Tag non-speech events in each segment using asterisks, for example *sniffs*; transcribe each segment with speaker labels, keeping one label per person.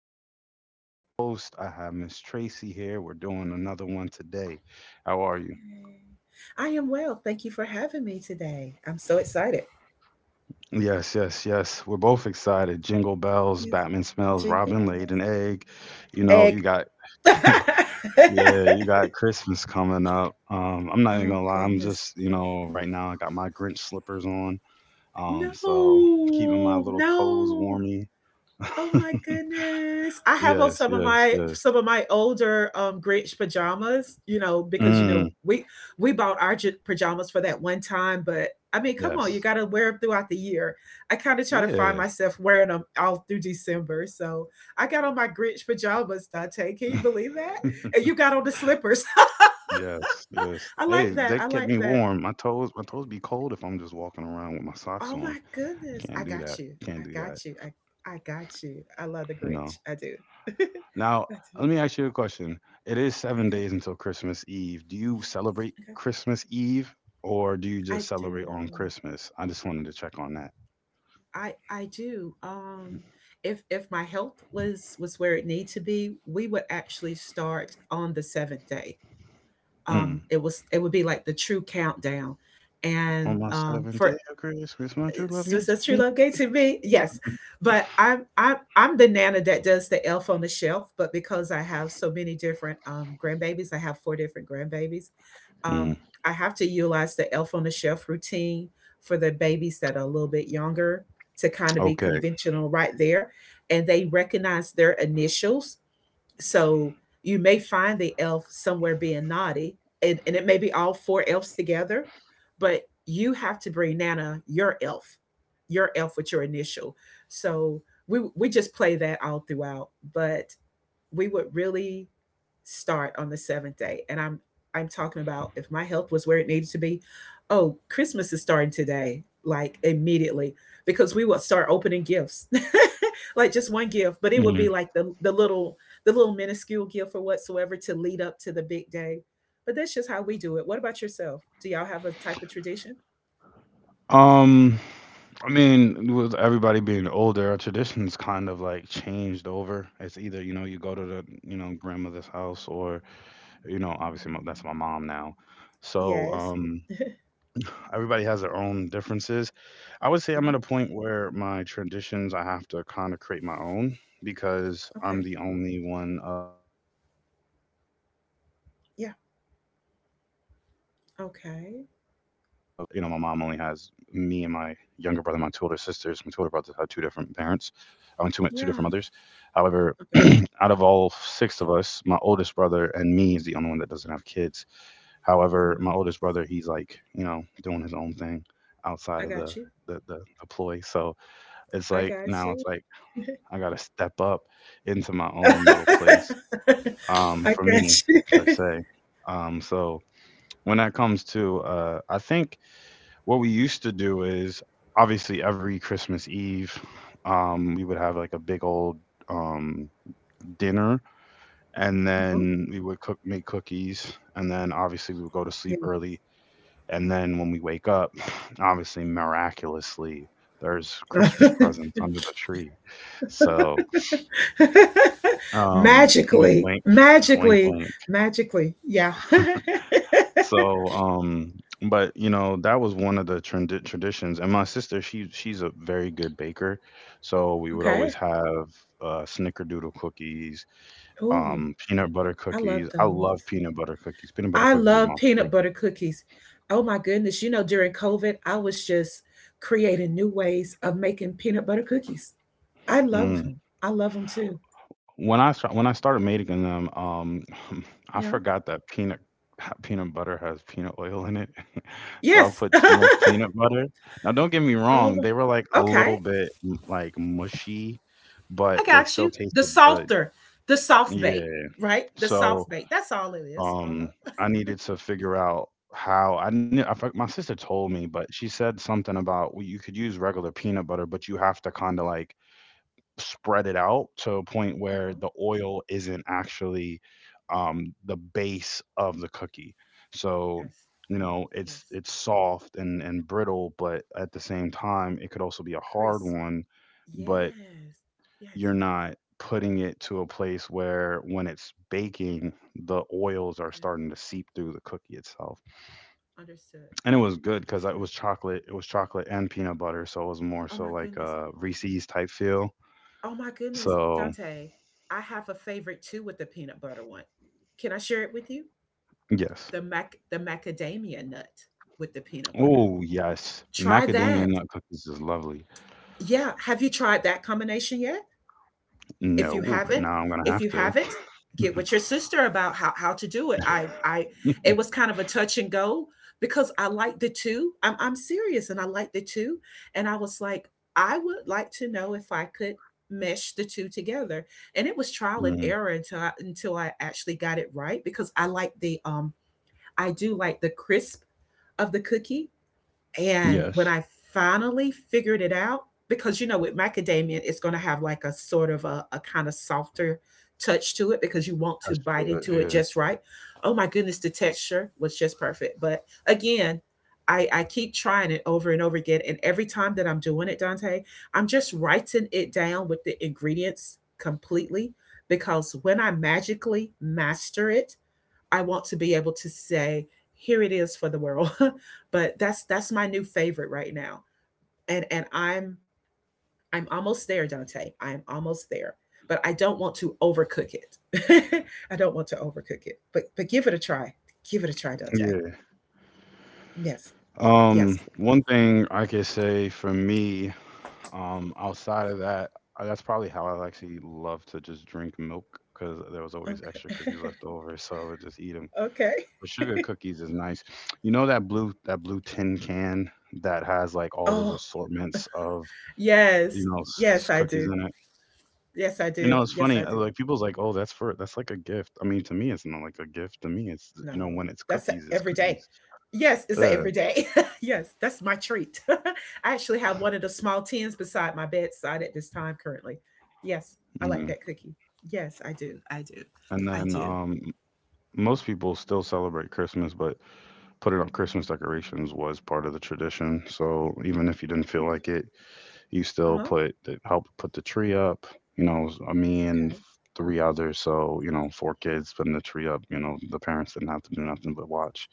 Speaker 1: Mind with my lovely host. I have Miss Tracy here. We're doing another one today. How are you?
Speaker 2: Yay. I am well. Thank you for having me today. I'm so excited.
Speaker 1: Yes, yes, yes. We're both excited. Jingle bells,
Speaker 2: Yes.
Speaker 1: Batman smells,
Speaker 2: Jingle
Speaker 1: Robin laid
Speaker 2: bells.
Speaker 1: an egg. You know,
Speaker 2: Egg.
Speaker 1: you got,
Speaker 2: *laughs*
Speaker 1: *laughs*
Speaker 2: Oh
Speaker 1: yeah, you got Christmas coming up. I'm not even gonna lie. I'm
Speaker 2: goodness.
Speaker 1: just, you know, right now I got my Grinch slippers on. So
Speaker 2: No.
Speaker 1: keeping my little toes
Speaker 2: No.
Speaker 1: warmy.
Speaker 2: Oh my goodness. I have on
Speaker 1: Yes,
Speaker 2: some of
Speaker 1: yes,
Speaker 2: my
Speaker 1: yes.
Speaker 2: some of my older Grinch pajamas, because
Speaker 1: Mm,
Speaker 2: we bought our pajamas for that one time, but I mean, come on,
Speaker 1: yes.
Speaker 2: you got to wear them throughout the year. I kind of try to find
Speaker 1: Yeah.
Speaker 2: myself wearing them all through December. So, I got on my Grinch pajamas, Dante. Can you believe
Speaker 1: *laughs*
Speaker 2: that? And you got on the slippers. *laughs*
Speaker 1: Yes, yes.
Speaker 2: I
Speaker 1: Hey,
Speaker 2: like that.
Speaker 1: they
Speaker 2: I
Speaker 1: kept
Speaker 2: like
Speaker 1: me
Speaker 2: that.
Speaker 1: warm. My toes be cold if I'm just walking around with my socks
Speaker 2: Oh
Speaker 1: on.
Speaker 2: my goodness. I
Speaker 1: Can't do
Speaker 2: got
Speaker 1: that.
Speaker 2: you. I
Speaker 1: Can't do that.
Speaker 2: got you. I got you. I love the
Speaker 1: You know.
Speaker 2: Grinch. I do. *laughs* I
Speaker 1: Now,
Speaker 2: do.
Speaker 1: let me ask you a question. It is seven
Speaker 2: Okay.
Speaker 1: days until Christmas Eve. Do you celebrate
Speaker 2: Okay.
Speaker 1: Christmas Eve or do you
Speaker 2: I
Speaker 1: just celebrate on
Speaker 2: do.
Speaker 1: Christmas? I just wanted to check on that.
Speaker 2: I do. If my health was where it need to be, we would actually start on the seventh day.
Speaker 1: Mm.
Speaker 2: It would be like the true countdown. And
Speaker 1: On my seventh
Speaker 2: for
Speaker 1: day of Christmas, my true love
Speaker 2: was
Speaker 1: gave to
Speaker 2: that true
Speaker 1: me.
Speaker 2: love gay to me? Yes. But I'm the nana that does the elf on the shelf, but because I have so many different grandbabies, I have four different grandbabies. Um,
Speaker 1: Mm,
Speaker 2: I have to utilize the elf on the shelf routine for the babies that are a little bit younger to kind of be
Speaker 1: okay.
Speaker 2: conventional right there. And they recognize their initials, so you may find the elf somewhere being naughty, and it may be all four elves together, but you have to bring Nana your elf with your initial. So we just play that all throughout, but we would really start on the seventh day. And I'm talking about, if my health was where it needed to be, oh, Christmas is starting today, like immediately, because we would start opening gifts. *laughs* Like just one gift,
Speaker 1: Mm.
Speaker 2: but it would be like the little minuscule gift or whatsoever to lead up to the big day. But that's just how we do it. What about yourself? Do y'all have a type of tradition?
Speaker 1: Um, I mean, with everybody being older, our traditions kind of like changed over. It's either, you know, you go to the, you know, grandmother's house or that's my mom now. So,
Speaker 2: Yes.
Speaker 1: um, *sighs* everybody has their own differences. I would say I'm
Speaker 2: Uh-huh.
Speaker 1: at a point where my traditions, I have to kind of create my own, because I'm
Speaker 2: Okay.
Speaker 1: the only one of all of our children, all of the children of my
Speaker 2: Yeah.
Speaker 1: father. Uh, you know, my mom only has
Speaker 2: Okay.
Speaker 1: me and my younger brother and my two older sisters. My two older brothers had two different parents. I mean, two different mothers.
Speaker 2: Yeah.
Speaker 1: However, *clears throat* out of all
Speaker 2: Okay.
Speaker 1: six of us, my oldest brother and me is the only one that doesn't have kids. However, my oldest
Speaker 2: Wow.
Speaker 1: brother, he's like, you know, doing his own thing outside of
Speaker 2: I
Speaker 1: the
Speaker 2: got you.
Speaker 1: the, the, the ploy. So it's
Speaker 2: I
Speaker 1: like
Speaker 2: got
Speaker 1: now
Speaker 2: you.
Speaker 1: it's like I gotta step up into my own little place.
Speaker 2: *laughs* I
Speaker 1: For me
Speaker 2: got
Speaker 1: per
Speaker 2: you. *laughs*
Speaker 1: se. So when that comes to I think what we used to do is obviously every Christmas Eve we would have like a big old um dinner, and
Speaker 2: Mhm.
Speaker 1: then we would cook make cookies, and then obviously we would go to
Speaker 2: Yeah.
Speaker 1: sleep early, and then when we wake up, *sighs* obviously miraculously there's Christmas presents under the tree. So
Speaker 2: *laughs*
Speaker 1: wink
Speaker 2: Magically,
Speaker 1: wink wink
Speaker 2: magically,
Speaker 1: wink.
Speaker 2: magically. Yeah. *laughs*
Speaker 1: So, um, but you know, that was one of the traditions. And my sister, she's a very good baker, so we would
Speaker 2: Okay.
Speaker 1: always have snickerdoodle cookies,
Speaker 2: Ooh,
Speaker 1: peanut butter
Speaker 2: I love
Speaker 1: cookies. I
Speaker 2: those.
Speaker 1: love peanut butter cookies. Peanut butter
Speaker 2: I
Speaker 1: cookies is
Speaker 2: love
Speaker 1: my
Speaker 2: peanut
Speaker 1: favorite.
Speaker 2: butter cookies. Oh my goodness. During COVID, I was just creating new ways of making peanut butter cookies. I love
Speaker 1: Mm.
Speaker 2: them. I love them too.
Speaker 1: When I started making them, *laughs* I
Speaker 2: Yeah.
Speaker 1: forgot that peanut *laughs* peanut butter has peanut oil in it. So I'll
Speaker 2: Yes.
Speaker 1: put too much
Speaker 2: *laughs*
Speaker 1: peanut butter. Now, don't get me
Speaker 2: Oh,
Speaker 1: wrong, they were like a
Speaker 2: okay.
Speaker 1: little bit like mushy,
Speaker 2: I
Speaker 1: but they
Speaker 2: got
Speaker 1: still
Speaker 2: you. The
Speaker 1: tasted good.
Speaker 2: softer, the soft bait,
Speaker 1: Yeah.
Speaker 2: right? The soft
Speaker 1: So,
Speaker 2: bait. That's all it is. Uh
Speaker 1: um,
Speaker 2: huh.
Speaker 1: I needed to figure out how I knew. I, my sister told me, but she said something about, well, you could use regular peanut butter, but you have to kind of like spread it out to a point
Speaker 2: Uh
Speaker 1: where
Speaker 2: huh.
Speaker 1: the oil isn't actually the base of the cookie. So
Speaker 2: Yes.
Speaker 1: you know
Speaker 2: Yes.
Speaker 1: it's soft and brittle, but at the same time it could also be a hard
Speaker 2: Crisp.
Speaker 1: one. But
Speaker 2: Yes. Yes.
Speaker 1: you're not putting it to a place where when it's baking the oils are
Speaker 2: Okay.
Speaker 1: starting to seep through the cookie itself,
Speaker 2: Understood.
Speaker 1: and it was good because
Speaker 2: Understood.
Speaker 1: it was chocolate and peanut butter, so it was more
Speaker 2: Oh
Speaker 1: so
Speaker 2: my
Speaker 1: like
Speaker 2: goodness.
Speaker 1: a Reese's type feel.
Speaker 2: Oh my goodness,
Speaker 1: So
Speaker 2: Dante. I have a favorite too with the peanut butter one. Can I share it with you?
Speaker 1: yes.
Speaker 2: The macadamia nut with the peanut butter.
Speaker 1: Oh, yes.
Speaker 2: Try
Speaker 1: Macadamia
Speaker 2: that.
Speaker 1: nut cookies is lovely.
Speaker 2: Yeah. Have you tried that combination yet? if you
Speaker 1: No,
Speaker 2: have
Speaker 1: but
Speaker 2: it
Speaker 1: now I'm gonna
Speaker 2: if
Speaker 1: have
Speaker 2: you
Speaker 1: to.
Speaker 2: have it get with your sister about how to do it. I It was
Speaker 1: *laughs*
Speaker 2: kind of a touch and go because I like the two. I'm serious, and I like the two. And I was like, I would like to know if I could mesh the two together. And it was trial and
Speaker 1: Mm,
Speaker 2: error until I actually got it right because I do like the crisp of the cookie. And
Speaker 1: yes.
Speaker 2: when I finally figured it out, because with macadamia, it's going to have like a sort of a, kind of softer touch to it because you want
Speaker 1: Touch
Speaker 2: to bite
Speaker 1: to
Speaker 2: into it
Speaker 1: it,
Speaker 2: just right. Oh my goodness, the texture was just perfect. But again, I keep trying it over and over again. And every time that I'm doing it, Dante, I'm just writing it down with the ingredients completely because when I magically master it, I want to be able to say, here it is for the world. *laughs* But that's my new favorite right now. And I'm almost there, Dante. I'm almost there. But I don't want to overcook it. *laughs* I don't want to overcook it. But give it a try. Give it a try, Dante.
Speaker 1: yeah. Yeah.
Speaker 2: Yes. Yes.
Speaker 1: One thing I could say for me, outside of that, that's probably how I actually love to just drink milk, because there was always extra cookies
Speaker 2: Okay.
Speaker 1: left over, so I would just eat them.
Speaker 2: *laughs* Okay.
Speaker 1: But sugar cookies is nice. You know that blue tin can that has like all those
Speaker 2: Oh,
Speaker 1: assortments of, you
Speaker 2: yes.
Speaker 1: know,
Speaker 2: Yes, I
Speaker 1: cookies
Speaker 2: do.
Speaker 1: in it.
Speaker 2: Yes, I
Speaker 1: You
Speaker 2: do.
Speaker 1: know, it's
Speaker 2: Yes,
Speaker 1: funny.
Speaker 2: I do.
Speaker 1: Like people's like, "Oh, that's like a gift." I mean, to me, it's not like a gift. To me, it's,
Speaker 2: No,
Speaker 1: you know, when it's
Speaker 2: that's a
Speaker 1: cookies, it's
Speaker 2: every day.
Speaker 1: cookies.
Speaker 2: Yes, it's a
Speaker 1: Yeah.
Speaker 2: every day. *laughs* Yes, that's my treat. *laughs* I actually have one of the small tins beside my bedside at this time currently. Yes, I like
Speaker 1: Mhm.
Speaker 2: that cookie. Yes, I do. I do.
Speaker 1: And
Speaker 2: I
Speaker 1: then
Speaker 2: do.
Speaker 1: most people still celebrate Christmas, but putting up Christmas decorations was part of the tradition. So even if you didn't feel
Speaker 2: Okay.
Speaker 1: like it, you still
Speaker 2: Uh-huh.
Speaker 1: help put the tree up. You know, me and three others, so you know, four kids putting the tree up. You know, the parents didn't have to do nothing but watch.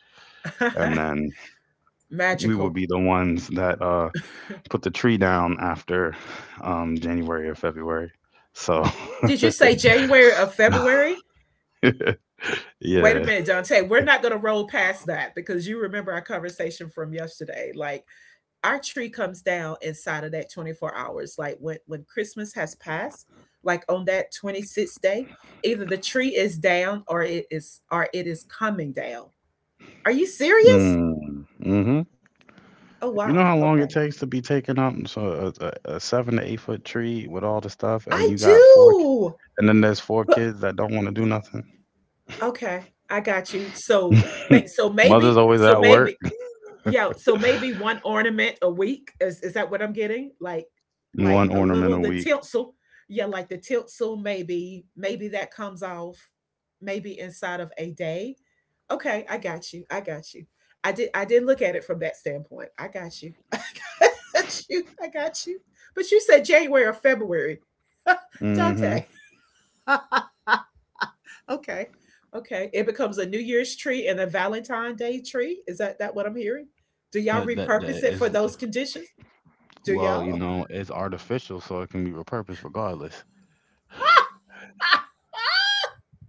Speaker 2: Okay.
Speaker 1: And then
Speaker 2: *laughs*
Speaker 1: we would
Speaker 2: Magical.
Speaker 1: be the ones that put the tree down after, January or February. So *laughs*
Speaker 2: Did you say January or February? Wait a
Speaker 1: yeah,
Speaker 2: minute, Dante. We're not going to roll past that because you remember our conversation from yesterday. Like, our tree comes down inside of that 24 hours, like when Christmas has passed, like on that 26th day, either the tree is down or it is coming down. Are you serious?
Speaker 1: mm, hmm,
Speaker 2: Oh
Speaker 1: you know
Speaker 2: wow.
Speaker 1: how long it
Speaker 2: Okay.
Speaker 1: takes to be taken up. So a 7 to 8 foot tree with all the stuff,
Speaker 2: I
Speaker 1: and you got four,
Speaker 2: do.
Speaker 1: and then there's four
Speaker 2: But
Speaker 1: kids that don't want to do nothing.
Speaker 2: okay, I got you. So make so
Speaker 1: *laughs* Mother's
Speaker 2: maybe
Speaker 1: always
Speaker 2: so
Speaker 1: at work.
Speaker 2: maybe Yeah, so maybe one ornament a week, is that what I'm getting?
Speaker 1: One
Speaker 2: Like a
Speaker 1: ornament
Speaker 2: little,
Speaker 1: a
Speaker 2: the
Speaker 1: week.
Speaker 2: tinsel, yeah, like the tinsel, maybe that comes off maybe inside of a day. Okay, I got you, I got you. I did look at it from that standpoint. I got you. *laughs* I got you, I got you. But you said January or February. *laughs* Dante.
Speaker 1: Mm-hmm.
Speaker 2: *laughs* Okay. Okay. It becomes a New Year's tree and a Valentine Day tree. Is that what I'm hearing? Do y'all
Speaker 1: That
Speaker 2: repurpose
Speaker 1: that
Speaker 2: it for
Speaker 1: is
Speaker 2: those conditions? Do
Speaker 1: well, you
Speaker 2: y'all?
Speaker 1: know, it's artificial, so it can be repurposed regardless.
Speaker 2: *laughs*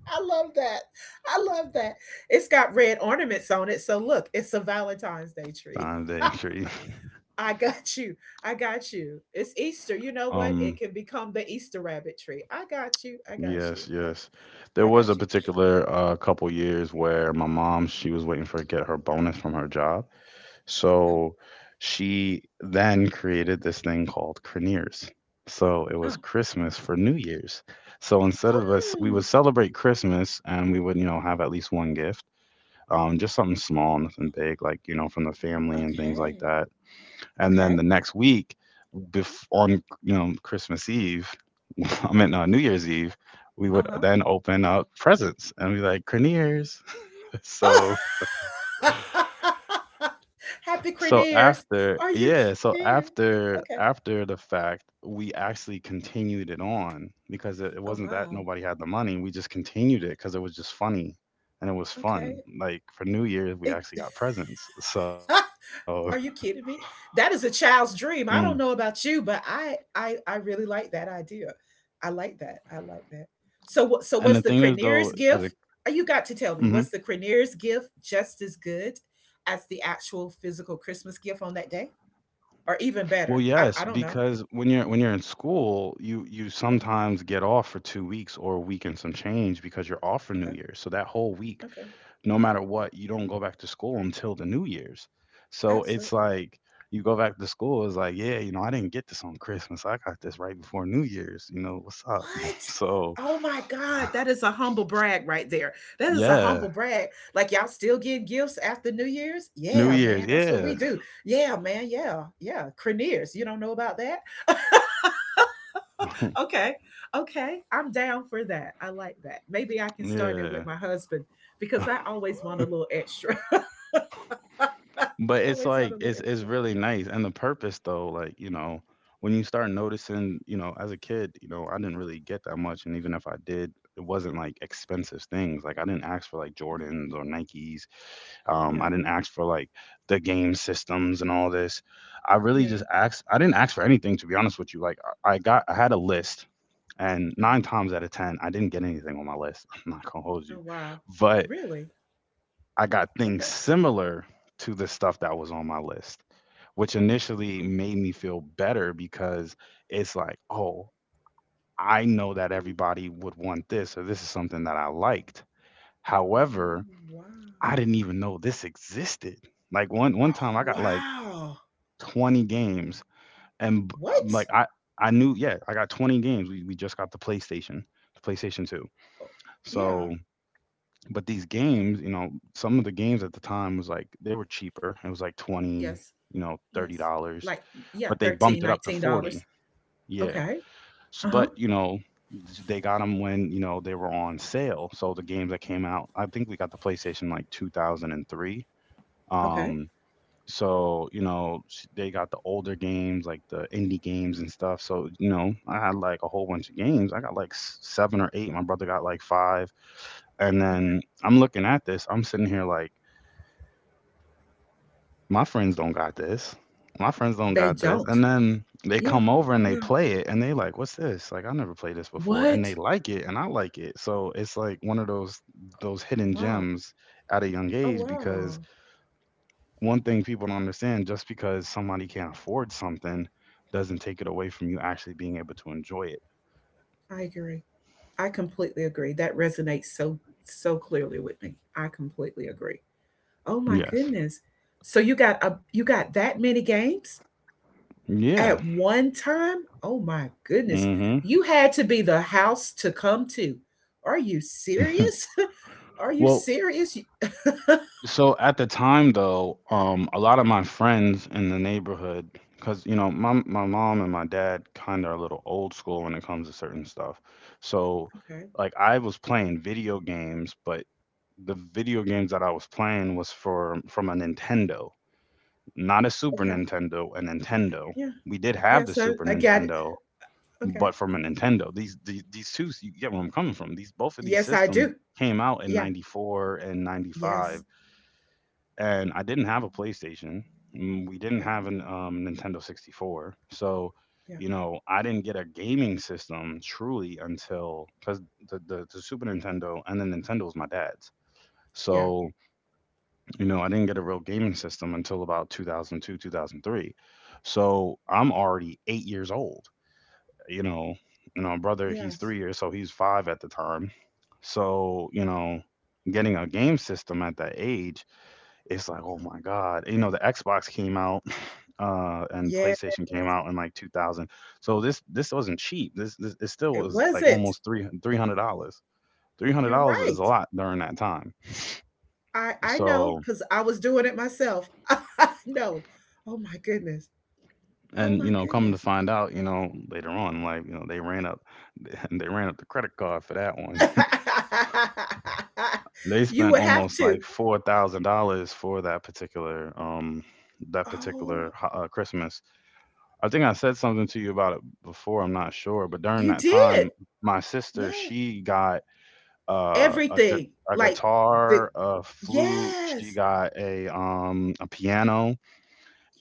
Speaker 2: I love that. I love that. It's got red ornaments on it. So look, it's a Valentine's Day tree.
Speaker 1: Time day tree. *laughs*
Speaker 2: *laughs* I got you. I got you. It's Easter. You know what? It
Speaker 1: Um,
Speaker 2: can become the Easter rabbit tree. I got you. I got you.
Speaker 1: yes, yes. There
Speaker 2: I
Speaker 1: was a
Speaker 2: got you.
Speaker 1: particular couple years where my mom, she was waiting for get her bonus from her job.
Speaker 2: Okay.
Speaker 1: So she then created this thing called Craniers. So it was
Speaker 2: Oh.
Speaker 1: Christmas for New Year's. So instead of us, we would
Speaker 2: Mm,
Speaker 1: celebrate Christmas and we would, you know, have at least one gift, just something small, nothing big, like, you know, from the family and things like
Speaker 2: okay.
Speaker 1: that. And then
Speaker 2: Okay.
Speaker 1: the next week, on, you know, *laughs* I mean New Year's Eve, we
Speaker 2: Uh
Speaker 1: would
Speaker 2: huh.
Speaker 1: then open up presents and be like craniers. *laughs* so
Speaker 2: Oh. *laughs* Happy
Speaker 1: so
Speaker 2: Craniers.
Speaker 1: after
Speaker 2: Are you
Speaker 1: yeah, so
Speaker 2: kidding?
Speaker 1: after
Speaker 2: Okay.
Speaker 1: after the fact, we actually continued it on, because it
Speaker 2: Oh
Speaker 1: wasn't that
Speaker 2: wow.
Speaker 1: nobody had the money. We just continued it because it was just funny and it was
Speaker 2: Okay.
Speaker 1: fun. Like for New Year's, we
Speaker 2: It.
Speaker 1: actually got presents. So
Speaker 2: *laughs* Are you kidding me? That is a
Speaker 1: *laughs* mm.
Speaker 2: child's dream. I don't know about you, but I really like that idea. I like that. I like that. So
Speaker 1: and the
Speaker 2: what, so
Speaker 1: thing is
Speaker 2: what's the
Speaker 1: though, as
Speaker 2: Craniers
Speaker 1: a
Speaker 2: gift? You got to tell me.
Speaker 1: mhm.
Speaker 2: What's the Craniers gift? Just as good as the actual physical Christmas gift on that day? Or even
Speaker 1: Well,
Speaker 2: better?
Speaker 1: yes,
Speaker 2: I don't know.
Speaker 1: because when you're in school, you
Speaker 2: Uh-huh.
Speaker 1: sometimes get off for 2 weeks or a week and some change because you're off for New
Speaker 2: Okay.
Speaker 1: Year's. So that whole week,
Speaker 2: Okay.
Speaker 1: no matter what, you don't go back to school until the New Year's. So it's
Speaker 2: Absolutely.
Speaker 1: like you go back to school, it's like, yeah, you know, I didn't get this on Christmas. I got this right before New Year's. You know, what's up?
Speaker 2: What?
Speaker 1: *laughs* So
Speaker 2: Oh my God, that is a humble brag right there. That is a
Speaker 1: yeah,
Speaker 2: humble brag. Like y'all still give gifts after New Year's?
Speaker 1: New
Speaker 2: Yeah,
Speaker 1: Year's,
Speaker 2: man, that's what
Speaker 1: yeah,
Speaker 2: we do. Yeah, man, yeah, yeah. Craniers, you don't know about that? *laughs* Okay, okay, I'm down for that. I like that. Maybe I
Speaker 1: *laughs*
Speaker 2: can start it with
Speaker 1: yeah.
Speaker 2: my husband because I always want a
Speaker 1: *laughs*
Speaker 2: little extra.
Speaker 1: But
Speaker 2: *laughs*
Speaker 1: it's
Speaker 2: Always want a
Speaker 1: like
Speaker 2: little
Speaker 1: it's
Speaker 2: extra.
Speaker 1: really nice, and the purpose though, like, you know, when you start noticing, you know, as a kid, you know, I didn't really get that much, and even if I did, it wasn't like expensive things. Like I didn't ask for like
Speaker 2: Okay,
Speaker 1: Jordans or Nikes.
Speaker 2: yeah,
Speaker 1: I didn't ask for like the game systems and all this. I really
Speaker 2: yeah.
Speaker 1: just asked. I didn't ask for anything to be honest with you. Like I had a list, and
Speaker 2: Uh huh.
Speaker 1: nine times out of ten, I didn't get anything on my list. *laughs* I'm not gonna hold you,
Speaker 2: Oh wow,
Speaker 1: but
Speaker 2: really?
Speaker 1: I got things
Speaker 2: Okay.
Speaker 1: similar to the stuff that was on my list, which initially
Speaker 2: Oh,
Speaker 1: made me feel better because it's like, oh, I know that
Speaker 2: hmm.
Speaker 1: everybody would want this, or this is something that I liked.
Speaker 2: Oh,
Speaker 1: However, I
Speaker 2: wow.
Speaker 1: didn't even know this existed. Like one
Speaker 2: Oh
Speaker 1: time, I got like
Speaker 2: wow.
Speaker 1: 20 games, and
Speaker 2: What?
Speaker 1: I knew, yeah, I got 20 games. We just got the PlayStation 2.
Speaker 2: Oh, yeah.
Speaker 1: So but these games, you know, some of the games at the time was like they were cheaper. It was like 20,
Speaker 2: Yes.
Speaker 1: you know,
Speaker 2: Yes.
Speaker 1: $30,
Speaker 2: Like, yeah,
Speaker 1: but they bumped
Speaker 2: 13,
Speaker 1: it up to
Speaker 2: nineteen
Speaker 1: 40.
Speaker 2: dollars
Speaker 1: Yeah.
Speaker 2: Okay.
Speaker 1: So,
Speaker 2: Uh-huh.
Speaker 1: but, you know, they got them when, you know, they were on sale. So the games that came out, I think we got the PlayStation like 2003.
Speaker 2: Okay.
Speaker 1: Um so, you know, they got the older games like the indie games and stuff. So, you know, I had like a whole bunch of games. I got like 7 or 8. My brother got like 5. And then I'm looking at this. I'm sitting here like, my friends don't got this. My friends don't
Speaker 2: They
Speaker 1: got this.
Speaker 2: don't.
Speaker 1: And then they
Speaker 2: Yeah.
Speaker 1: come over and
Speaker 2: Yeah.
Speaker 1: they play it and they like, what's this? Like I never played this before. And
Speaker 2: What?
Speaker 1: they like it and I like it. So it's like one of those hidden
Speaker 2: Wow.
Speaker 1: gems at a young
Speaker 2: Oh,
Speaker 1: age
Speaker 2: wow.
Speaker 1: because one thing people don't understand, just because somebody can't afford something doesn't take it away from you actually being able to enjoy it.
Speaker 2: I agree. I completely agree. That resonates so so clearly with me. I completely agree. Oh my
Speaker 1: Yes.
Speaker 2: goodness. So you got that many games?
Speaker 1: Yeah.
Speaker 2: At one time? Oh my goodness.
Speaker 1: Hmm.
Speaker 2: You had to be the house to come to. Are you
Speaker 1: *laughs*
Speaker 2: serious? *laughs* Are you
Speaker 1: Well,
Speaker 2: serious? You. *laughs*
Speaker 1: so at the time, though, a lot of my friends in the neighborhood, because you know, my mom and my dad kind of are a little old school when it comes to certain stuff. So,
Speaker 2: Okay,
Speaker 1: like, I was playing video games, but the video games that I was playing was for from a Nintendo, not a Super
Speaker 2: okay.
Speaker 1: Nintendo, a Nintendo.
Speaker 2: Yeah.
Speaker 1: We did
Speaker 2: Yeah,
Speaker 1: have the
Speaker 2: so
Speaker 1: Super
Speaker 2: I got it.
Speaker 1: Nintendo,
Speaker 2: Okay.
Speaker 1: but from a Nintendo. These two, you get where I'm coming from. These both of these
Speaker 2: Yes, I
Speaker 1: systems
Speaker 2: do.
Speaker 1: came out in
Speaker 2: Yeah.
Speaker 1: '94 and '95,
Speaker 2: Yes.
Speaker 1: and I didn't have a PlayStation. We didn't
Speaker 2: Yeah,
Speaker 1: have an Nintendo 64. So,
Speaker 2: yeah,
Speaker 1: you know, I didn't get a gaming system truly until because the Super Nintendo and the Nintendo was my dad's.
Speaker 2: yeah,
Speaker 1: So, you know, I didn't get a real gaming system until about 2002, 2003. So I'm already 8 years old, you know, brother, he's
Speaker 2: yes.
Speaker 1: 3 years, so he's five at the time. So, you know, getting a game system at that age, it's like, oh my God. You know, the Xbox came out *sniffs* *laughs* and
Speaker 2: Yes.
Speaker 1: PlayStation came out in like 2000. So this wasn't cheap. This it still
Speaker 2: It
Speaker 1: was
Speaker 2: was
Speaker 1: like
Speaker 2: it.
Speaker 1: almost three $300.
Speaker 2: You're
Speaker 1: $300 is a
Speaker 2: right.
Speaker 1: lot during that time.
Speaker 2: I know
Speaker 1: So,
Speaker 2: because I was doing it myself. *laughs* I know. Oh my goodness. Oh
Speaker 1: and you
Speaker 2: my
Speaker 1: know, coming to
Speaker 2: goodness.
Speaker 1: find out, you know, later on, like, you know, they ran up *laughs* they ran up the credit card for that one.
Speaker 2: *laughs*
Speaker 1: *laughs* They
Speaker 2: You
Speaker 1: spent
Speaker 2: would have
Speaker 1: almost
Speaker 2: to.
Speaker 1: like $4,000 for that particular
Speaker 2: Oh,
Speaker 1: Christmas. I think I said something to you about it before, I'm not sure, but during
Speaker 2: you
Speaker 1: that
Speaker 2: did.
Speaker 1: time, my sister,
Speaker 2: Yeah.
Speaker 1: she got uh, a gu-
Speaker 2: Everything.
Speaker 1: a
Speaker 2: Like the
Speaker 1: guitar, a flute, she
Speaker 2: yes.
Speaker 1: got a piano,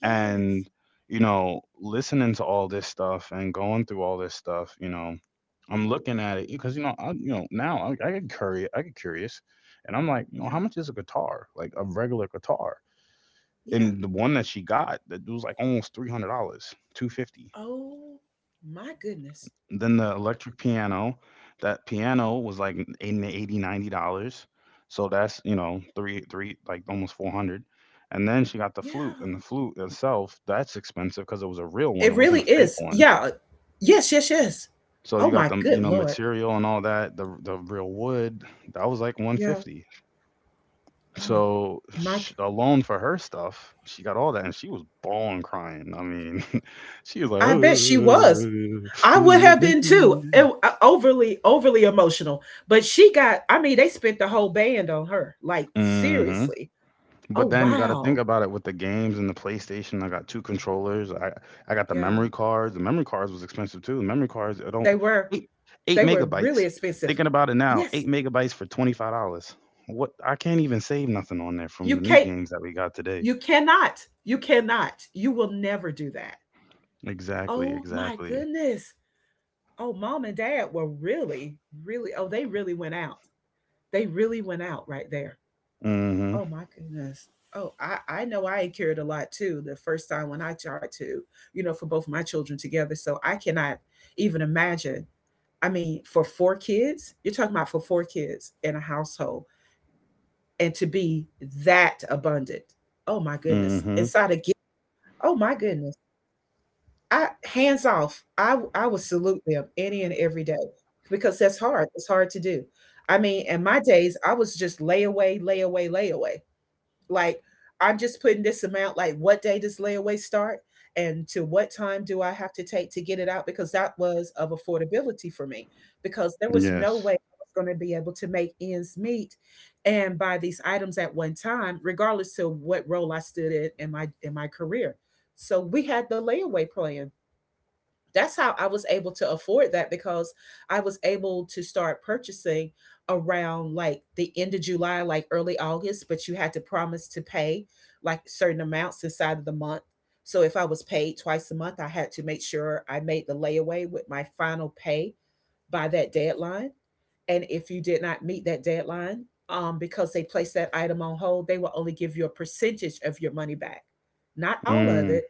Speaker 2: Yes.
Speaker 1: and you know, listening to all this stuff and going through all this stuff, you know, I'm looking at it because you know, now I get curious, and I'm like, you know,
Speaker 2: Yeah.
Speaker 1: how much is a guitar? Like a regular guitar.
Speaker 2: Yeah.
Speaker 1: And the one that she got, that was like almost $300, 250.
Speaker 2: Oh my goodness.
Speaker 1: Then the electric piano, that piano was like in the 80, $90. So that's, you know, three, like almost 400. And then she got the flute,
Speaker 2: Yeah.
Speaker 1: and the flute itself, that's expensive because it was a real one.
Speaker 2: It
Speaker 1: It
Speaker 2: really
Speaker 1: wasn't a fake
Speaker 2: is.
Speaker 1: one.
Speaker 2: Yeah. Yes, yes, yes.
Speaker 1: So
Speaker 2: Oh
Speaker 1: you got
Speaker 2: my
Speaker 1: the, you
Speaker 2: good
Speaker 1: know,
Speaker 2: Lord.
Speaker 1: material and all that, the real wood, that was like
Speaker 2: Yeah.
Speaker 1: 150.
Speaker 2: Oh
Speaker 1: So
Speaker 2: my g-
Speaker 1: sh alone for her stuff, she got all that, and she was bawling, crying. I mean, *laughs* she was like,
Speaker 2: I bet she was.
Speaker 1: *laughs*
Speaker 2: I
Speaker 1: "Uh,
Speaker 2: would
Speaker 1: uh,
Speaker 2: have
Speaker 1: thank
Speaker 2: been too.
Speaker 1: you."
Speaker 2: Overly emotional, but she got. I mean, they spent the whole band on her. Like
Speaker 1: Hmm.
Speaker 2: seriously. Oh
Speaker 1: But then you gotta think
Speaker 2: wow.
Speaker 1: about it with the games and the PlayStation, I got 2 controllers, I got the
Speaker 2: Yeah,
Speaker 1: memory cards, the memory cards was expensive too. The memory cards, I don't.
Speaker 2: they were
Speaker 1: 8 8
Speaker 2: they were
Speaker 1: megabytes,
Speaker 2: really expensive.
Speaker 1: thinking about it now,
Speaker 2: Yes,
Speaker 1: 8 megabytes for $25. What I can't even save nothing on there from
Speaker 2: you
Speaker 1: the new
Speaker 2: can't.
Speaker 1: games that we got today.
Speaker 2: You cannot. You cannot. You will never do that.
Speaker 1: Exactly,
Speaker 2: Oh my
Speaker 1: exactly.
Speaker 2: goodness. Oh, mom and dad were really really. Oh, they really went out. They really went out right there.
Speaker 1: Mhm,
Speaker 2: Oh my goodness. Oh, I know I carried a lot too the first time when I tried to, for both my children together. So I cannot even imagine. I mean, for four kids, you're talking about for four kids in a household and to be that abundant. Oh my goodness.
Speaker 1: mhm,
Speaker 2: Inside a gift. Oh my goodness. I hands off. I would salute them any and every day because that's hard. It's hard to do. I mean, in my days, I was just lay away, lay away, lay away. Like, I'm just putting this amount. Like what day does layaway start, and to what time do I have to take to get it out? Because that was of affordability for me, because there was no
Speaker 1: yes.
Speaker 2: way I was going to be able to make ends meet and buy these items at one time, regardless to what role I stood in in my career. So we had the layaway plan, that's how I was able to afford that because I was able to start purchasing around like the end of July, like early August, but you had to promise to pay like certain amounts inside of the month. So if I was paid twice a month, I had to make sure I made the layaway with my final pay by that deadline. And if you did not meet that deadline, because they placed that item on hold, they will only give you a percentage of your money back, not all of
Speaker 1: Mm,
Speaker 2: it,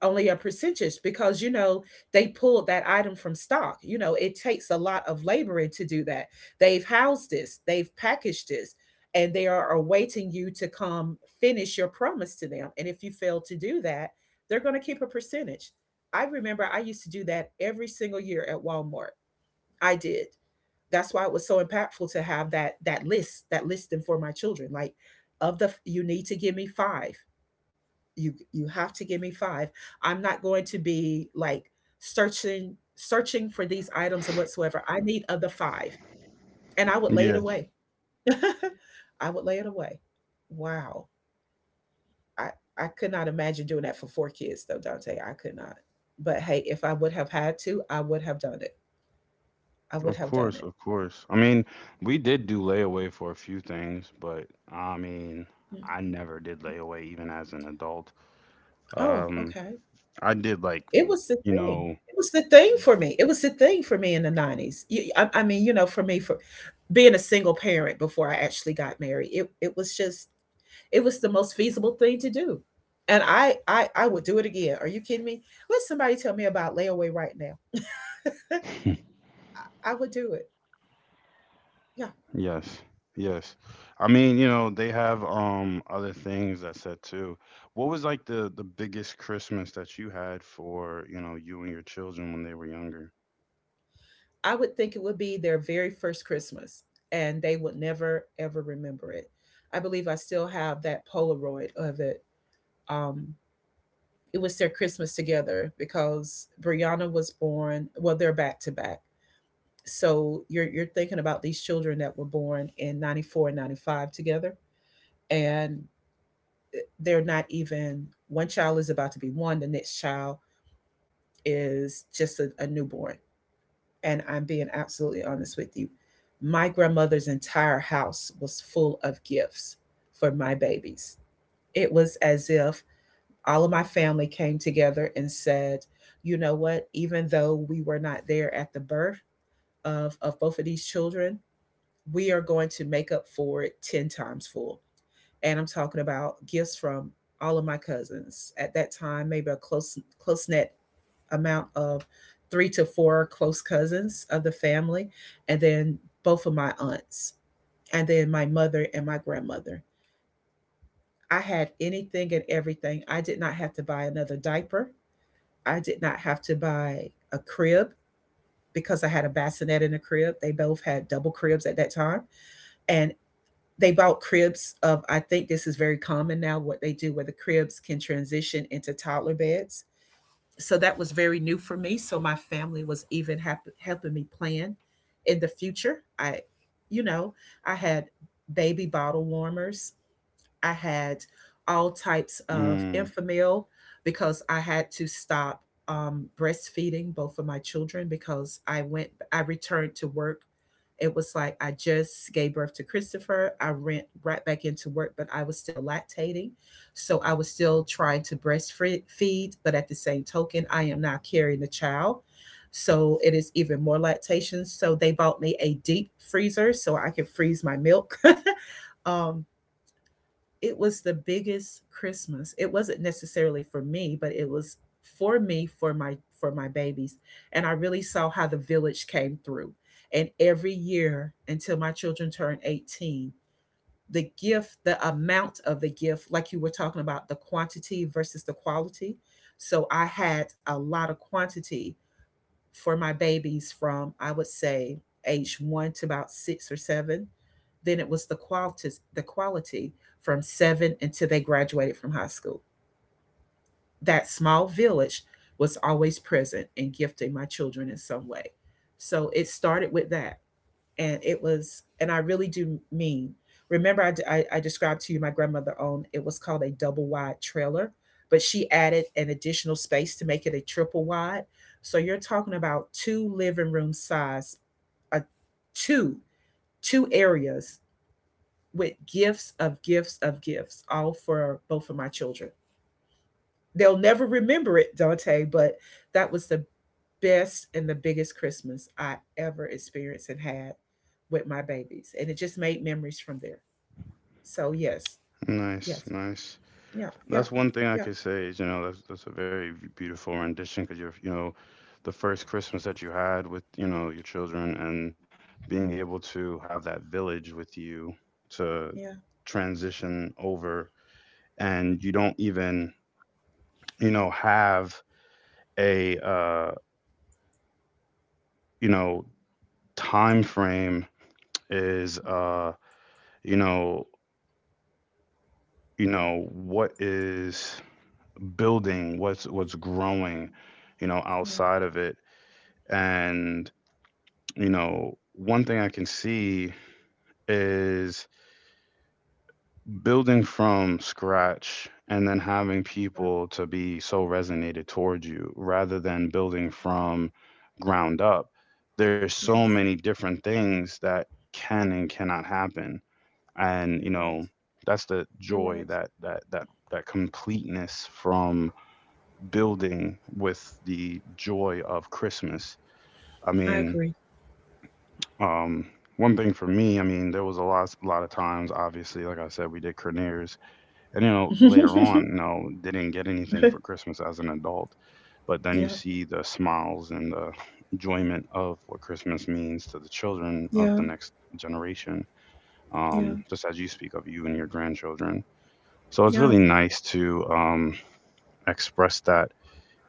Speaker 2: only a percentage because they pulled that item from stock, it takes a lot of laboring to do that. They've housed this, they've packaged this, and they are awaiting you to come finish your promise to them, and if you fail to do that, they're going to keep a percentage. I remember I used to do that every single year at Walmart. I did. That's why it was so impactful to have that listing for my children. Like, of the, you need to give me five. You have to give me five. I'm not going to be like searching for these items or whatsoever. I need of the five, and I would lay it
Speaker 1: yeah.
Speaker 2: away. *laughs* I would lay it away. Wow. I i could not imagine doing that for four kids though, Dante. I could not. But hey, if I would have had to, I would have done it. I would
Speaker 1: Of
Speaker 2: have done
Speaker 1: course,
Speaker 2: it.
Speaker 1: of course. I mean, we did do layaway for a few things, but I mean,
Speaker 2: Yeah.
Speaker 1: I never did layaway even as an adult.
Speaker 2: Oh,
Speaker 1: Um,
Speaker 2: okay.
Speaker 1: I did, like,
Speaker 2: It was the
Speaker 1: you
Speaker 2: thing.
Speaker 1: know.
Speaker 2: It was the thing for me It was the thing for me in the 90s. I mean, for me, for being a single parent before I actually got married, it was just, it was the most feasible thing to do. And I would do it again. Are you kidding me? Let somebody tell me about layaway right now.
Speaker 1: *laughs*
Speaker 2: I would do it. Yeah.
Speaker 1: Yes, yes. I mean, you know, they have other things that said too. What was like the biggest Christmas that you had for, you know, you and your children when they were younger?
Speaker 2: I would think it would be their very first Christmas, and they would never ever remember it. I believe I still have that Polaroid of it. Um it was their Christmas together because Brianna was born, well, they're back to back. So you're thinking about these children that were born in 94 and 95 together, and they're not even, one child is about to be one, the next child is just a newborn. And I'm being absolutely honest with you, my grandmother's entire house was full of gifts for my babies. It was as if all of my family came together and said, you know what, even though we were not there at the birth of both of these children, we are going to make up for it 10 times full. And I'm talking about gifts from all of my cousins. At that time, maybe a close net amount of three to four close cousins of the family, and then both of my aunts, and then my mother and my grandmother. I had anything and everything. I did not have to buy another diaper. I did not have to buy a crib, because I had a bassinet in a crib. They both had double cribs at that time. And they bought cribs of, I think this is very common now, what they do where the cribs can transition into toddler beds. So that was very new for me. So my family was even helping me plan in the future. I, you know I had baby bottle warmers. I had all types of
Speaker 1: Mm,
Speaker 2: infamil because I had to stop breastfeeding both of my children because I returned to work. It was like I just gave birth to Christopher. I went right back into work, but I was still lactating. So I was still trying to breastfeed, but at the same token, I am now carrying the child. So it is even more lactation. So they bought me a deep freezer so I could freeze my milk. *laughs* um, it was the biggest Christmas. It wasn't necessarily for me, but it was for me, for my, for my babies. And I really saw how the village came through. And every year until my children turned 18, the gift, the amount of the gift, like you were talking about the quantity versus the quality. So I had a lot of quantity for my babies from, I would say, age one to about six or seven. Then it was the quality, the quality from seven until they graduated from high school. That small village was always present and gifting my children in some way. So it started with that, and it was, and I really do mean, remember I described to you, my grandmother owned, it was called a double wide trailer, but she added an additional space to make it a triple wide. So you're talking about two living room size, uh, two, two areas with gifts of gifts of gifts, all for both of my children. They'll never remember it, Dante, but that was the best and the biggest Christmas I ever experienced and had with my babies. And it just made memories from there. So, yes, yes,
Speaker 1: nice, nice.
Speaker 2: yeah, yeah,
Speaker 1: That's one thing I
Speaker 2: yeah,
Speaker 1: could say is, you know, that's a very beautiful rendition because you're, you know, the first Christmas that you had with, you know, your children, and being able to have that village with you to
Speaker 2: yeah,
Speaker 1: transition over, and you don't even, you know, have a you know, time frame, is you know, what is building, what's growing, you know,
Speaker 2: yeah, yeah,
Speaker 1: outside of it. And you know, one thing I can see is building from scratch and then having
Speaker 2: yeah,
Speaker 1: people to be so resonated towards you rather than building from ground up. There's so
Speaker 2: yes,
Speaker 1: many different things that can and cannot happen. And,
Speaker 2: you're
Speaker 1: you
Speaker 2: right.
Speaker 1: know, that's the
Speaker 2: You're
Speaker 1: joy,
Speaker 2: right.
Speaker 1: that completeness from building with the joy of Christmas. I
Speaker 2: I
Speaker 1: mean,
Speaker 2: agree.
Speaker 1: Um, one thing for me, I mean, there was a lot of times. Obviously, like I said, we did Craniers, and you know,
Speaker 2: *laughs* Yeah,
Speaker 1: later on, you know, didn't get anything for Christmas as an adult. But then you see the smiles and the enjoyment of what Christmas means to the children of
Speaker 2: yeah,
Speaker 1: the next generation,
Speaker 2: yeah,
Speaker 1: just as you speak of you and your grandchildren. So it's
Speaker 2: yeah,
Speaker 1: really nice to express that,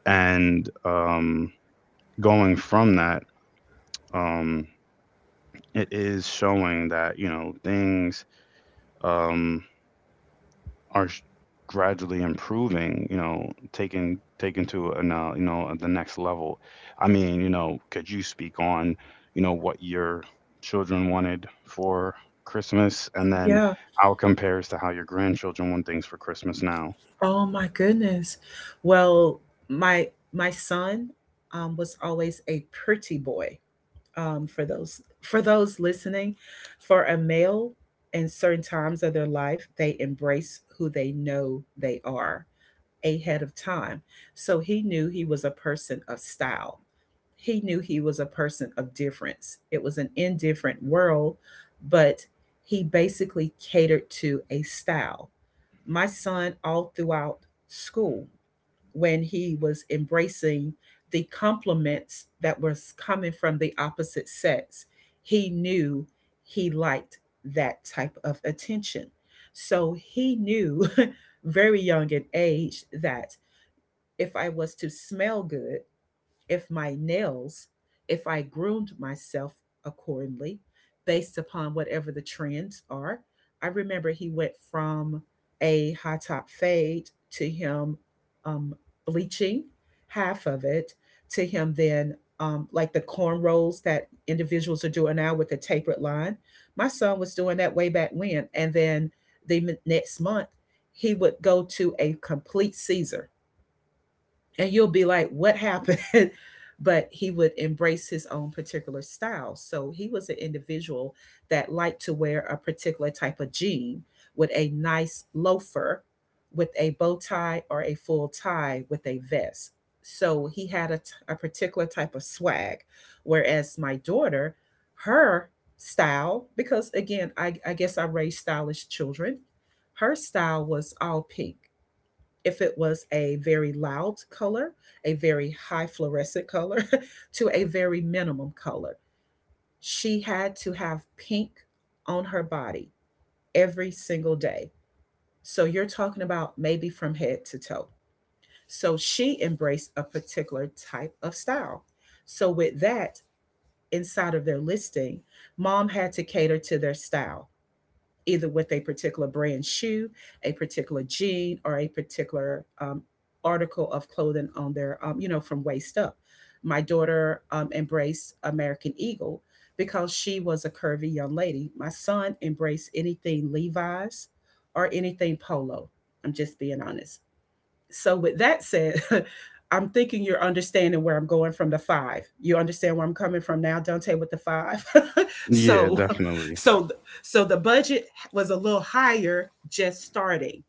Speaker 1: and going from that, um, it is showing that you know things um, are gradually improving. You know, taken to you know, the next level. I mean, you know, could you speak on you know what your children wanted for Christmas, and then
Speaker 2: yeah.
Speaker 1: how it compares to how your grandchildren want things for Christmas now?
Speaker 2: Oh my goodness. Well, my my son was always a pretty boy. For those listening, for a male, in certain times of their life, they embrace who they know they are ahead of time. So he knew he was a person of style. He knew he was a person of difference. It was an indifferent world, but he basically catered to a style. My son all throughout school, when he was embracing the compliments that was coming from the opposite sex, he knew he liked that type of attention. So he knew, *laughs* very young in age, that if I was to smell good, if my nails, if I groomed myself accordingly based upon whatever the trends are. I remember he went from a high top fade to him um, bleaching half of it, to him then like the cornrows that individuals are doing now with the tapered line. My son was doing that way back when. And then the next month, he would go to a complete Caesar and you'll be like, what happened? *laughs* But he would embrace his own particular style. So he was an individual that liked to wear a particular type of jean with a nice loafer, with a bow tie or a full tie with a vest. So he had a particular type of swag. Whereas my daughter, her style, because again I guess I raised stylish children, her style was all pink. If it was a very loud color, a very high fluorescent color, *laughs* to a very minimum color. She had to have pink on her body every single day. So you're talking about maybe from head to toe. So she embraced a particular type of style. So with that, inside of their listing, mom had to cater to their style, either with a particular brand shoe, a particular jean, or a particular article of clothing on their, you know, from waist up. My daughter embraced American Eagle because she was a curvy young lady. My son embraced anything Levi's or anything polo. I'm just being honest. So, with that said, *laughs* I'm thinking you're understanding where I'm going from the five. You understand where I'm coming from now, Dante, with the five. *laughs*
Speaker 1: Yeah,
Speaker 2: So,
Speaker 1: definitely.
Speaker 2: so, so the budget was a little higher just starting.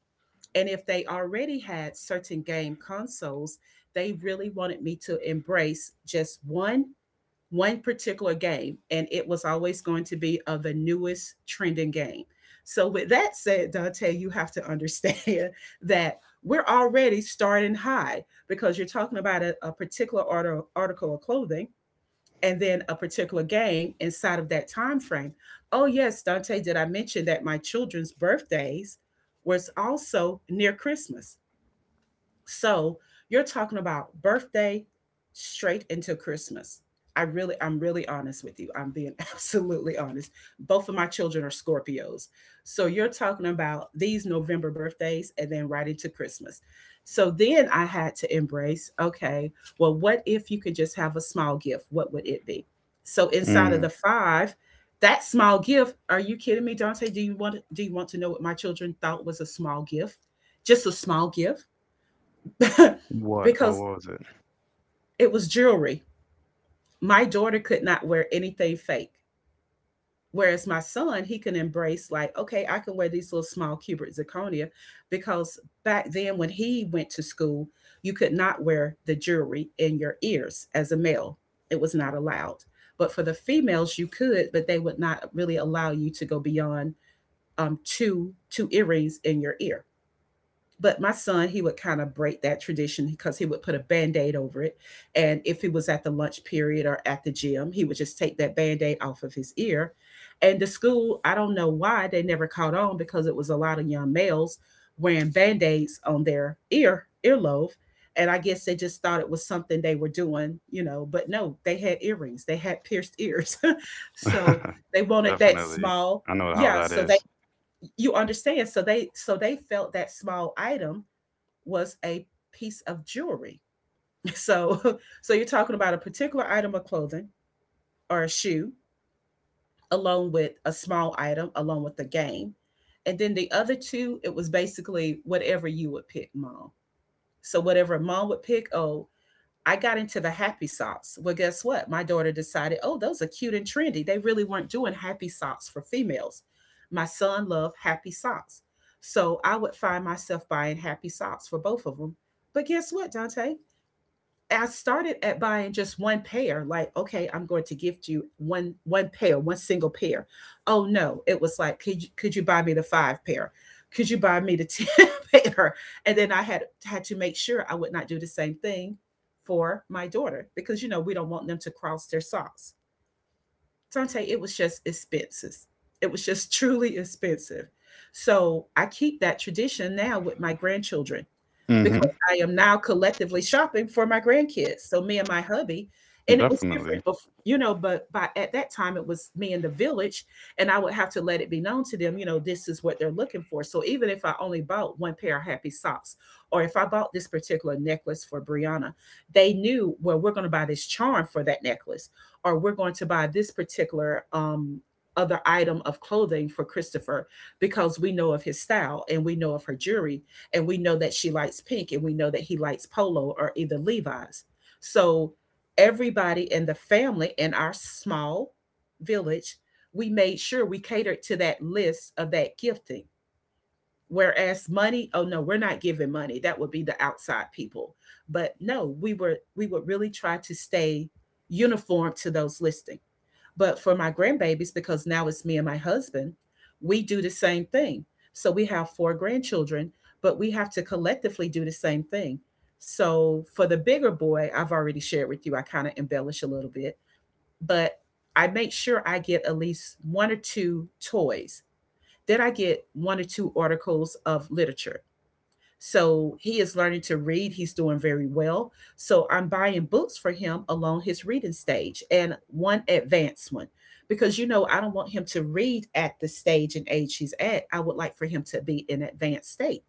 Speaker 2: And if they already had certain game consoles, they really wanted me to embrace just one, one particular game, and it was always going to be of the newest trending game. So, with that said, Dante, you have to understand *laughs* that we're already starting high because you're talking about a particular article of clothing and then a particular game inside of that time frame. Oh, yes, Dante, did I mention that my children's birthdays was also near Christmas? So you're talking about birthday straight into Christmas. I'm really honest with you. I'm being *laughs* absolutely honest. Both of my children are Scorpios. So you're talking about these November birthdays and then right into Christmas. So then I had to embrace, okay, well, what if you could just have a small gift? What would it be? So inside of
Speaker 1: Mm.
Speaker 2: the five, that small gift, are you kidding me, Dante? Do you want to know what my children thought was a small gift? Just a small gift *laughs*
Speaker 1: What? What
Speaker 2: because
Speaker 1: was it?
Speaker 2: it was jewelry. My daughter could not wear anything fake. Whereas my son, he can embrace like, okay, I can wear these little small cubic zirconia because back then when he went to school, you could not wear the jewelry in your ears as a male. It was not allowed. But for the females, you could, but they would not really allow you to go beyond two earrings in your ear. But my son, he would kind of break that tradition because he would put a band-aid over it, and if he was at the lunch period or at the gym, he would just take that band-aid off of his ear. And the school, I don't know why they never caught on, because it was a lot of young males wearing band-aids on their ear earlobe, and I guess they just thought it was something they were doing, but no, they had earrings, they had pierced ears. *laughs* So they
Speaker 1: *laughs*
Speaker 2: wanted that
Speaker 1: Definitely.
Speaker 2: small,
Speaker 1: I know how
Speaker 2: yeah,
Speaker 1: that
Speaker 2: so they,
Speaker 1: is.
Speaker 2: you understand, so they felt that small item was a piece of jewelry. *laughs* So, so, you're talking about a particular item of clothing or a shoe, along with a small item, along with the game, and then the other two, it was basically whatever you would pick, mom. So whatever mom would pick, oh, I got into the happy socks. Well, guess what? My daughter decided, oh, those are cute and trendy. They really weren't doing happy socks for females. My son loved happy socks. So I would find myself buying happy socks for both of them. But guess what, Dante? I started at buying just one pair, like, okay, I'm going to gift you one pair, one single pair. Oh no, it was like, could you buy me the five pair? Could you buy me the *laughs* ten pair? And then I had to make sure I would not do the same thing for my daughter, because you know we don't want them to cross their socks. Tante, it was just expenses. It was just *laughs* truly expensive. So I keep that tradition now with my grandchildren, because
Speaker 1: Mm-hmm.
Speaker 2: I am now collectively shopping for my grandkids. So me and my hubby, and it was
Speaker 1: Definitely.
Speaker 2: different, but you know, but by at that time it was me in the village, and I would have to let it be known to them, you know, this is what they're looking for. So even if I only bought one pair of happy socks, or if I bought this particular necklace for Brianna, they knew, well, we're going to buy this charm for that necklace, or we're going to buy this particular other item of clothing for Christopher, because we know of his style and we know of her jewelry, and we know that she likes pink, and we know that he likes polo or either Levi's. So everybody in the family, in our small village, we made sure we catered to that list of that gifting. Whereas money, oh no, we're not giving money. That would be the outside people. But no, we would really try to stay uniform to those listings. But for my grandbabies, because now it's me and my husband, we do the same thing. So we have four grandchildren, but we have to collectively do the same thing. So for the bigger boy, I've already shared with you, I kind of embellish a little bit, but I make sure I get at least one or two toys. Then I get one or two articles of literature. So he is learning to read. He's doing very well. So I'm buying books for him along his reading stage and one advanced one, because you know I don't want him to read at the stage and age he's at. I would like for him to be in advanced state.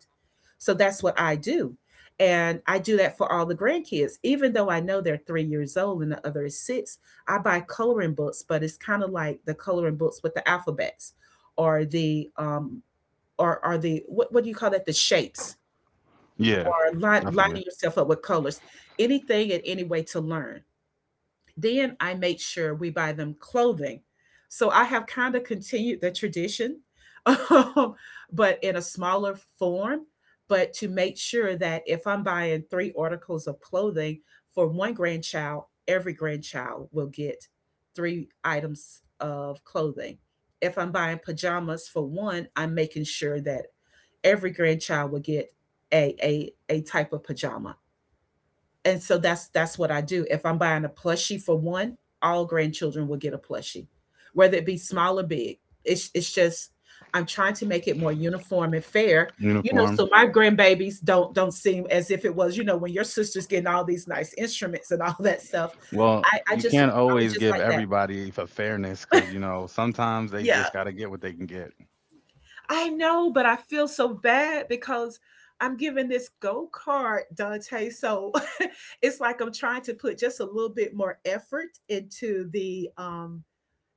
Speaker 2: So that's what I do. And I do that for all the grandkids, even though I know they're 3 years old and the other is six. I buy coloring books, but it's kind of like the coloring books with the alphabets, or the or are the what do you call that? The shapes,
Speaker 1: Yeah,
Speaker 2: or line, lining
Speaker 1: definitely.
Speaker 2: yourself up with colors, anything and any way to learn. Then I make sure we buy them clothing. So I have kind of continued the tradition, *laughs* but in a smaller form. But to make sure that if I'm buying three articles of clothing for one grandchild, every grandchild will get three items of clothing. If I'm buying pajamas for one, I'm making sure that every grandchild will get a type of pajama, and so that's what I do. If I'm buying a plushie for one, all grandchildren will get a plushie, whether it be small or big. It's just, I'm trying to make it more uniform and fair, you know. So
Speaker 1: Uniform.
Speaker 2: my grandbabies don't seem as if it was, you know, when your sister's getting all these nice instruments and all *laughs* that stuff.
Speaker 1: Well,
Speaker 2: I I
Speaker 1: you
Speaker 2: just
Speaker 1: can't
Speaker 2: I was
Speaker 1: always
Speaker 2: just
Speaker 1: give
Speaker 2: like that.
Speaker 1: everybody a fairness because you know sometimes they
Speaker 2: Yeah,
Speaker 1: just got to get what they can get.
Speaker 2: I know, but I feel so bad because I'm giving this go kart, Dante. So *laughs* it's like I'm trying to put just a little bit more effort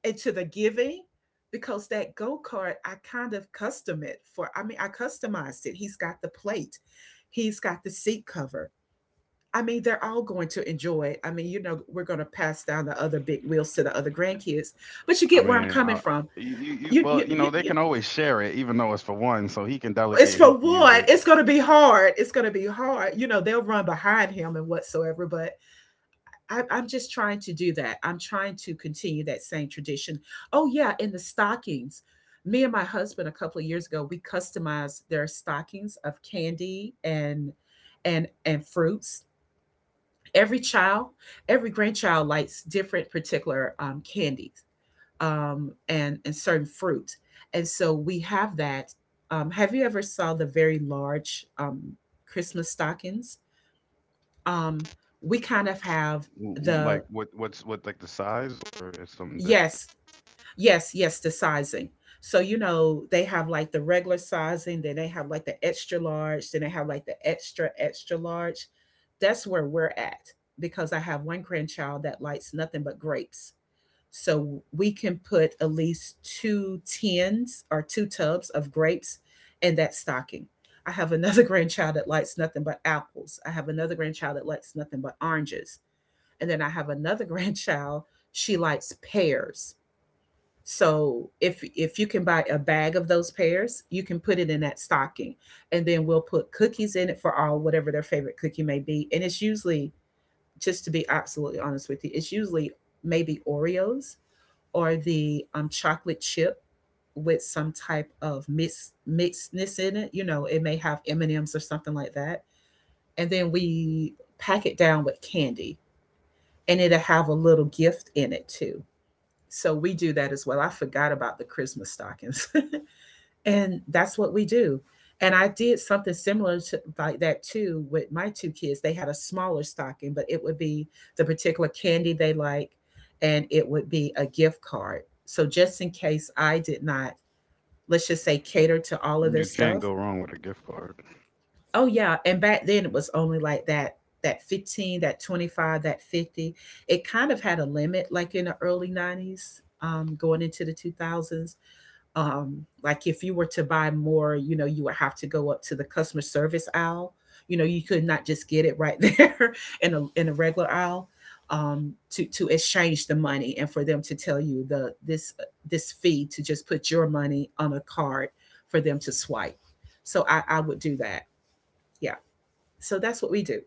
Speaker 2: into the giving, because that go kart I kind of custom it for. I mean, I customized it. He's got the plate, he's got the seat cover. I mean, they're all going to enjoy it. I mean, you know, we're going to pass down the other big wheels to the other grandkids, but you
Speaker 1: I
Speaker 2: get where I'm
Speaker 1: mean,
Speaker 2: coming
Speaker 1: I,
Speaker 2: from.
Speaker 1: you-
Speaker 2: you you
Speaker 1: well, you
Speaker 2: you,
Speaker 1: know they
Speaker 2: you
Speaker 1: can always share it, even though it's for one, so he can
Speaker 2: It's
Speaker 1: delegate
Speaker 2: for
Speaker 1: who can use
Speaker 2: what?
Speaker 1: it.
Speaker 2: It's going to be hard. It's going to be hard. You know, they'll run behind him and whatsoever, but I'm just trying to do that. I'm trying to continue that same tradition. Oh, yeah, in the stockings. Me and my husband a couple of years ago, we customized their stockings of candy and and fruits. Every child, every grandchild likes different particular candies, and certain fruit. And so we have that. Have you ever saw the very large Christmas stockings? Um, we kind of have
Speaker 1: Like
Speaker 2: the,
Speaker 1: what, like the size or it's something different.
Speaker 2: yes, yes, the sizing. So you know they have like the regular sizing, then they have like the extra large, then they have like the extra extra large. That's where we're at, because I have one grandchild that likes nothing but grapes. So we can put at least two tins or two tubs of grapes in that stocking. I have another *laughs* grandchild that likes nothing but apples. I have another grandchild that likes nothing but oranges. And then I have another *laughs* grandchild, she likes pears. So if you can buy a bag of those pears, you can put it in that stocking. And then we'll put cookies in it for all whatever their favorite cookie may be. And it's usually, just to be absolutely honest with you, it's usually maybe Oreos or the chocolate chip with some type of mixedness in it. You know, it may have M and M's or something like that, and then we pack it down with candy, and it'll have a little gift in it too. So we do that as well. I forgot about the Christmas stockings. *laughs* And that's what we do. And I did something similar to like that too with my two kids. They had a smaller stocking, but it would be the particular candy they like, and it would be a gift card, so just in case I did not, let's just say, cater to all of their
Speaker 1: You can't
Speaker 2: stuff.
Speaker 1: go wrong with a gift card.
Speaker 2: Oh yeah, and back then it was only like that, that 15, that 25, that 50. It kind of had a limit, like in the early 90s, going into the 2000s. um like if you were to buy more, you know, you would have to go up to the customer service aisle. You know, you could not just get it right *laughs* there in a regular aisle, to exchange the money, and for them to tell you the this this fee, to just put your money on a card for them to swipe. So I would do that. Yeah, so that's what we do.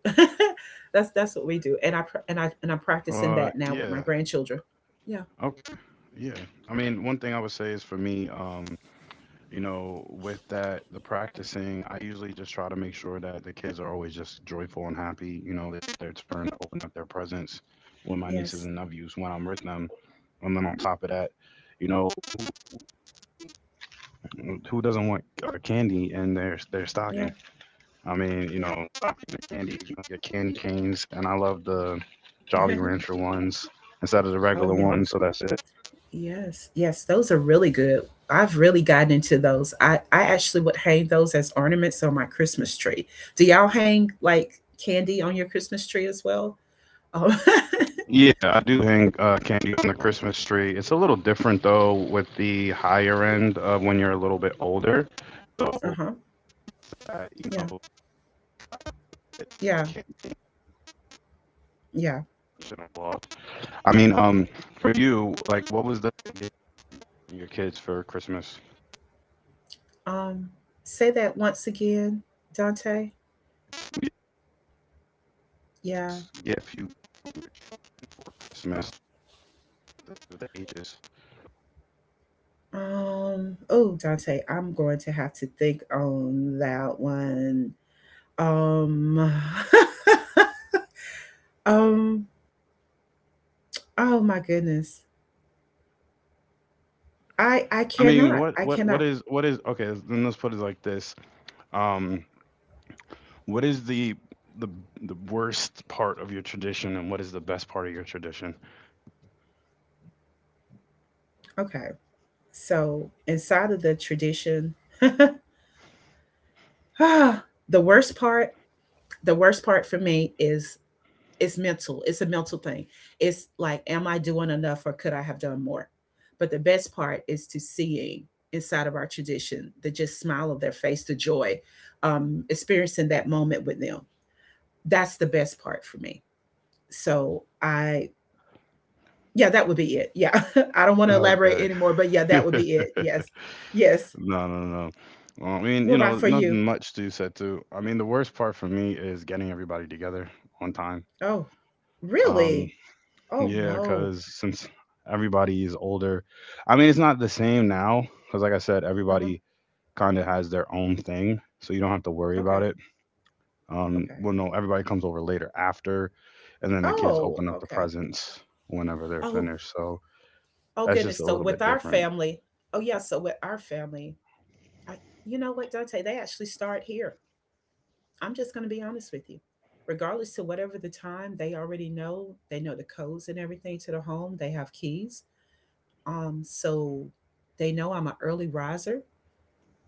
Speaker 2: *laughs* That's what we do, and I pra- and I and I'm practicing that now with my
Speaker 1: Yeah,
Speaker 2: grandchildren. Yeah.
Speaker 1: okay, yeah. I mean, one thing I would say is for me, you know, with that, the practicing, I usually just try to make sure that the kids are always just joyful and happy. You know, it's their turn to open up their presents with my nieces
Speaker 2: Yes.
Speaker 1: and nephews when I'm with them. And then on top of that, you know, who doesn't want candy in their
Speaker 2: Yeah.
Speaker 1: stocking? I mean, you
Speaker 2: Yeah.
Speaker 1: know, stocking the candy, you know, get candy canes, and I love the Jolly
Speaker 2: *laughs*
Speaker 1: Rancher ones instead of the
Speaker 2: Oh
Speaker 1: regular ones.
Speaker 2: yes.
Speaker 1: So that's it.
Speaker 2: Yes, yes, those are really good. I've really gotten into those. I actually would hang those as ornaments on my Christmas tree. Do y'all hang like candy on your Christmas tree as well? Oh, *laughs*
Speaker 1: Yeah, I do hang candy on the Christmas tree. It's a little different though with the higher end, when you're a little bit older. So
Speaker 2: uh-huh.
Speaker 1: you
Speaker 2: Yeah,
Speaker 1: know, it's
Speaker 2: yeah,
Speaker 1: candy
Speaker 2: yeah.
Speaker 1: and all off. I mean, for you, like, what was the gift your kids for Christmas?
Speaker 2: Um, Say that once again, Dante.
Speaker 1: Gift you
Speaker 2: Yeah.
Speaker 1: gave your children for Christmas, for the ages.
Speaker 2: Oh, Dante, I'm going to have to think on that one. Um, *laughs* um, oh my goodness. I
Speaker 1: I mean,
Speaker 2: cannot. I cannot.
Speaker 1: what is okay? Then let's put it like this. Um, what is the the worst part of your tradition, and what is the best part of your tradition?
Speaker 2: Okay. So inside of the tradition, *laughs* the worst part, the worst part for me is it's mental. It's a mental thing. It's like, am I doing enough or could I have done more? But the best part is to seeing inside of our tradition the just smile of their face, the joy, experiencing that moment with them. That's the best part for me. So I, yeah, that would be it. Yeah. *laughs* I don't want to elaborate
Speaker 1: Okay.
Speaker 2: anymore, but yeah, that would be it.
Speaker 1: *laughs*
Speaker 2: Yes. Yes.
Speaker 1: No, no, no. Well, I mean,
Speaker 2: What
Speaker 1: you
Speaker 2: about
Speaker 1: know,
Speaker 2: for you?
Speaker 1: nothing much to said to. I mean, the worst part for me is getting everybody together on time.
Speaker 2: Oh,
Speaker 1: Um,
Speaker 2: really? Oh
Speaker 1: yeah,
Speaker 2: no.
Speaker 1: because since everybody is older, I mean, it's not the same now. Because, like I said,
Speaker 2: Uh-huh.
Speaker 1: everybody kind of has their own thing, so you don't have to worry about
Speaker 2: Okay.
Speaker 1: it.
Speaker 2: Okay.
Speaker 1: Well, no, everybody comes over later after, and then the kids
Speaker 2: Oh,
Speaker 1: open up the
Speaker 2: okay.
Speaker 1: presents whenever they're
Speaker 2: Oh,
Speaker 1: finished. So
Speaker 2: oh
Speaker 1: that's just
Speaker 2: goodness.
Speaker 1: a
Speaker 2: So
Speaker 1: little
Speaker 2: with
Speaker 1: bit
Speaker 2: our
Speaker 1: different.
Speaker 2: family, oh yeah, so with our family, I, you know what, Dante, they actually start here. I'm just gonna be honest with you. Regardless to whatever the time, they already know, they know the codes and everything to the home. They have keys. So they know I'm an early riser.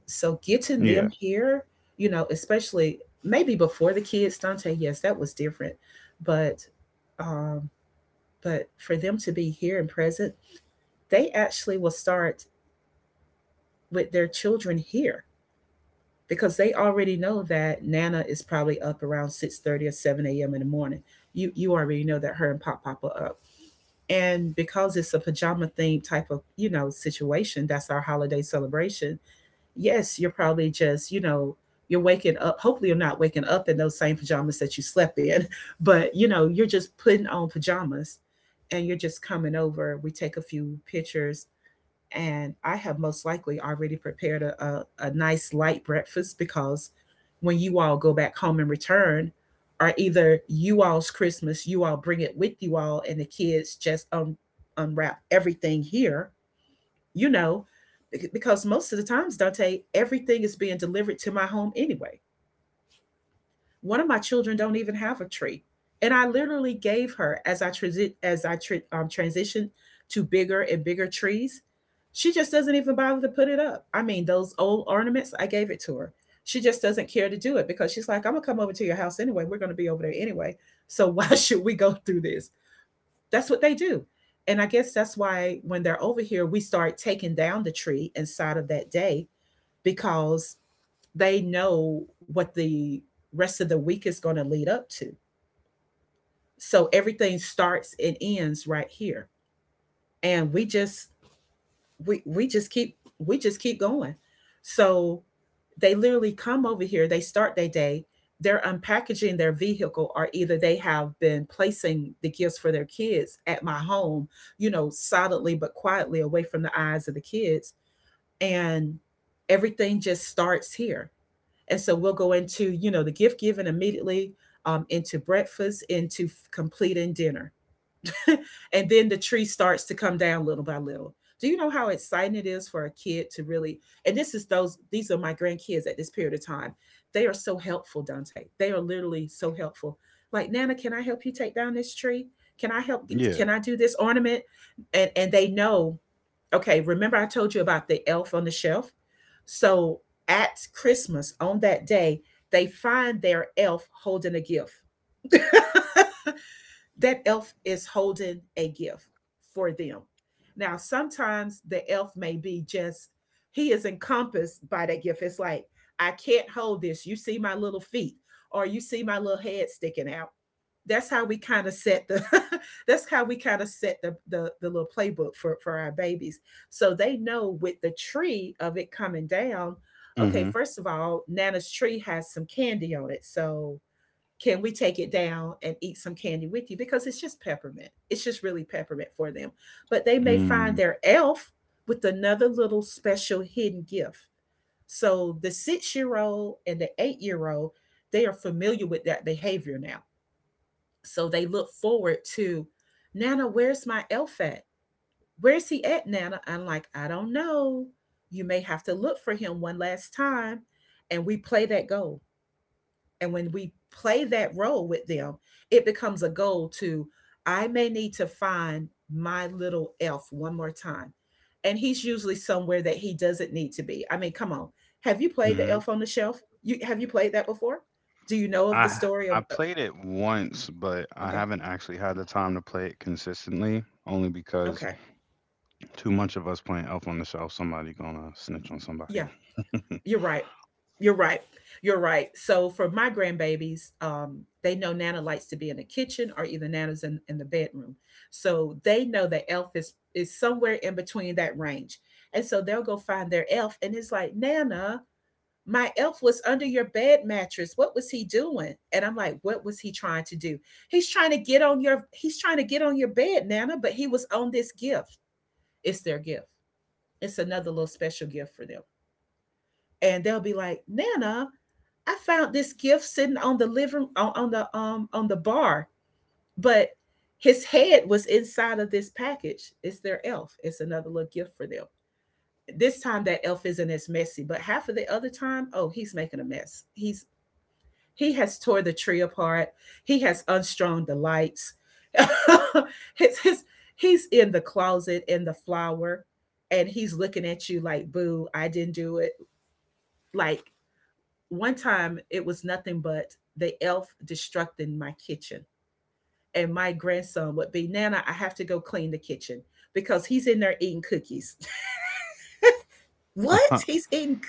Speaker 2: So getting
Speaker 1: Yeah,
Speaker 2: them here, you know, especially maybe before the kids, Dante, yes, that was different. But um, but for them to be here and present, they actually will start with their children here because they already know that Nana is probably up around 6:30 or 7 a.m. in the morning. You already know that her and Pop Pop are up. And because it's a pajama theme type of, you know, situation, that's our holiday celebration, yes, you're probably just, you know, you're waking up. Hopefully, you're not waking up in those same pajamas that you slept in, *laughs* but you know, you're just putting on pajamas and you're just coming over. We take a few pictures, and I have most likely already prepared a nice light breakfast because when you all go back home and return, or either you all's Christmas, you all bring it with you all, and the kids just unwrap everything here, you know, because most of the times, Dante, everything is being delivered to my home anyway. One of my children don't even have a tree, and I literally gave her as I transi- as I tra- transitioned to bigger and bigger trees. She just doesn't even bother to put it up. I mean, those old ornaments, I gave it to her. She just doesn't care to do it because she's like, I'm gonna come over to your house anyway. We're gonna be over there anyway. So why *laughs* should we go through this? That's what they do. And I guess that's why when they're over here, we start taking down the tree inside of that day because they know what the rest of the week is going to lead up to. So everything starts and ends right here. And we just we just keep we just keep going, so they literally come over here, they start their day, they're unpackaging their vehicle or either they have been placing the gifts for their kids at my home, you know, silently but quietly away from the eyes of the kids, and everything just starts here. And so we'll go into, you know, the gift giving immediately, into breakfast, into completing dinner. *laughs* And then the tree starts to come down little by little. Do you know how exciting it is for a kid to really? And this is these are my grandkids at this period of time. They are so helpful, Dante. They are literally so helpful. Like, Nana, can I help you take down this tree? Can I help?
Speaker 1: yeah.
Speaker 2: Can I do this ornament? And they know. Okay, remember I told you about the elf on the shelf. So at Christmas on that day, they find their elf holding a gift. *laughs* That elf is holding a gift for them. Now, sometimes the elf may be just, he is encompassed by that gift. It's like, I can't hold this. You see my little feet, or you see my little head sticking out. That's how we kind of set the *laughs* that's how we kind of set the, the little playbook for our babies. So they know with the tree of it coming down,
Speaker 1: Mhm.
Speaker 2: okay, first of all, Nana's tree has some candy on it. So can we take it down and eat some candy with you, because it's just peppermint, it's just really peppermint for them, but they may
Speaker 1: Mm.
Speaker 2: find their elf with another little special hidden gift. So the 6 year old and the 8 year old, they are familiar with that behavior now, so they look forward to, Nana, where's my elf at? Where's he at, Nana? I'm like, I don't know, you may have to look for him one last time. And we play that goal, and when we play that role with them, it becomes a goal to, I may need to find my little elf one more time. And he's usually somewhere that he doesn't need to be. I mean, come on. Have you played the
Speaker 1: Mhm.
Speaker 2: elf on the shelf? You have you played that before? Do you know of the
Speaker 1: I
Speaker 2: story
Speaker 1: I
Speaker 2: of
Speaker 1: played it once, but I
Speaker 2: okay.
Speaker 1: haven't actually had the time to play it consistently. Only because
Speaker 2: Okay.
Speaker 1: too much of us playing Elf on the Shelf, somebody gonna snitch on somebody.
Speaker 2: Yeah. You're right. You're right. You're right. So for my grandbabies, they know Nana likes to be in the kitchen or either Nana's in the bedroom. So they know that Elf is somewhere in between that range. And so they'll go find their elf and it's like, Nana, my elf was under your bed mattress. What was he doing? And I'm like, what was he trying to do? He's trying to get on your bed, Nana, but he was on this gift. It's their gift. It's another little special gift for them. And they'll be like, Nana, I found this gift sitting on on the bar, but his head was inside of this package. It's their elf. It's another little gift for them. This time that elf isn't as messy, but half of the other time, oh, he's making a mess. He has tore the tree apart. He has unstrung the lights. *laughs* his, his, he's in the closet in the flower and he's looking at you like, boo, I didn't do it. Like one time it was nothing but the elf destructing my kitchen. And my grandson would be, Nana, I have to go clean the kitchen because he's in there eating cookies. *laughs*
Speaker 1: *laughs*
Speaker 2: What?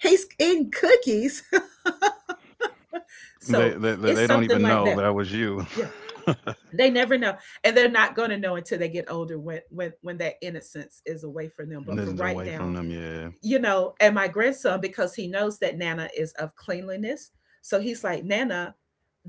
Speaker 2: He's eating cookies. *laughs*
Speaker 1: They, they
Speaker 2: So
Speaker 1: they they don't
Speaker 2: it's
Speaker 1: even
Speaker 2: something
Speaker 1: know
Speaker 2: like that.
Speaker 1: that was you.
Speaker 2: Yeah.
Speaker 1: *laughs*
Speaker 2: They never know. And they're not gonna know until they get older when when that innocence is away from them. But
Speaker 1: This
Speaker 2: for
Speaker 1: is
Speaker 2: right
Speaker 1: away from
Speaker 2: now,
Speaker 1: them. Yeah.
Speaker 2: you know, and my grandson, because he knows that Nana is of cleanliness. So he's like, Nana,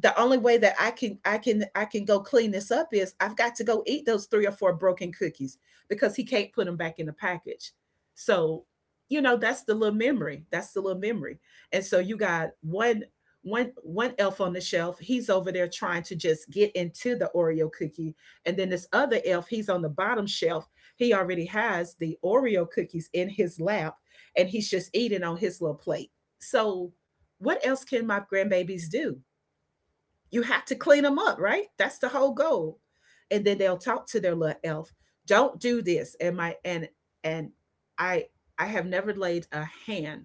Speaker 2: the only way that I can go clean this up is I've got to go eat those three or four broken cookies because he can't put them back in the package. So, you know, that's the little memory. That's the little memory. And so you got one one elf on the shelf, he's over there trying to just get into the Oreo cookie. And then this other elf, he's on the bottom shelf, he already has the Oreo cookies in his lap and he's just eating on his little plate. So, what else can my grandbabies do? You have to clean them up, right? That's the whole goal. And then they'll talk to their little elf. Don't do this. And my and I I have never laid a hand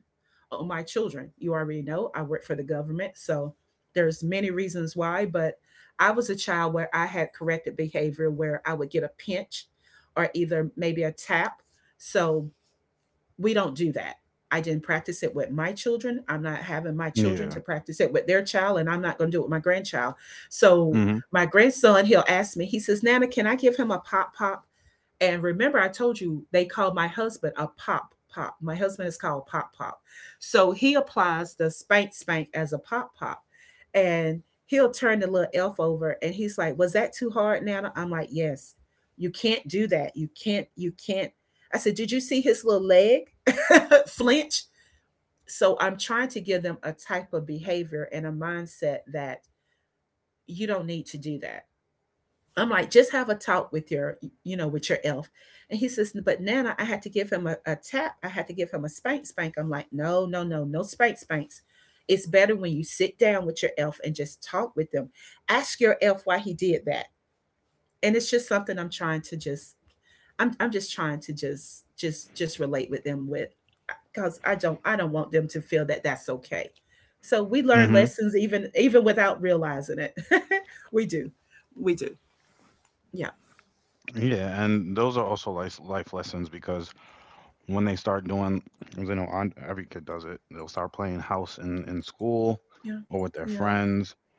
Speaker 2: on my children. You already know I work for the government, so there's many reasons why, but I was a child where I had corrected behavior where I would get a pinch or either maybe a tap. So we don't do that. I didn't practice it with my children. I'm not having my children
Speaker 1: Yeah.
Speaker 2: to practice it with their child, and I'm not going to do it with my grandchild. So my grandson, he'll ask me, he says, Nana, can I give him a pop pop? And remember, I told you they call my husband a pop pop. My husband is called pop pop. So he applies the spank spank as a pop pop. And he'll turn the little elf over and he's like, Was that too hard, Nana? I'm like, Yes. You can't do that. You can't I said, Did you see his little leg *laughs* flinch? So I'm trying to give them a type of behavior and a mindset that you don't need to do that. I'm like, just have a talk with your, you know, with your elf. And he says, but Nana, I had to give him a tap. I had to give him a spank spank. I'm like, no, no, no, no spank spanks. It's better when you sit down with your elf and just talk with them. Ask your elf why he did that and it's just something I'm trying to just I'm just trying to just relate with them with because I don't want them to feel that that's okay. So we learn lessons
Speaker 1: Mhm.
Speaker 2: even without realizing it. *laughs* we do, we do. Yeah,
Speaker 1: Yeah, and those are also life lessons because when they start doing, because I know on, every kid does it, they'll start playing house in school
Speaker 2: yeah,
Speaker 1: or with their
Speaker 2: yeah,
Speaker 1: friends,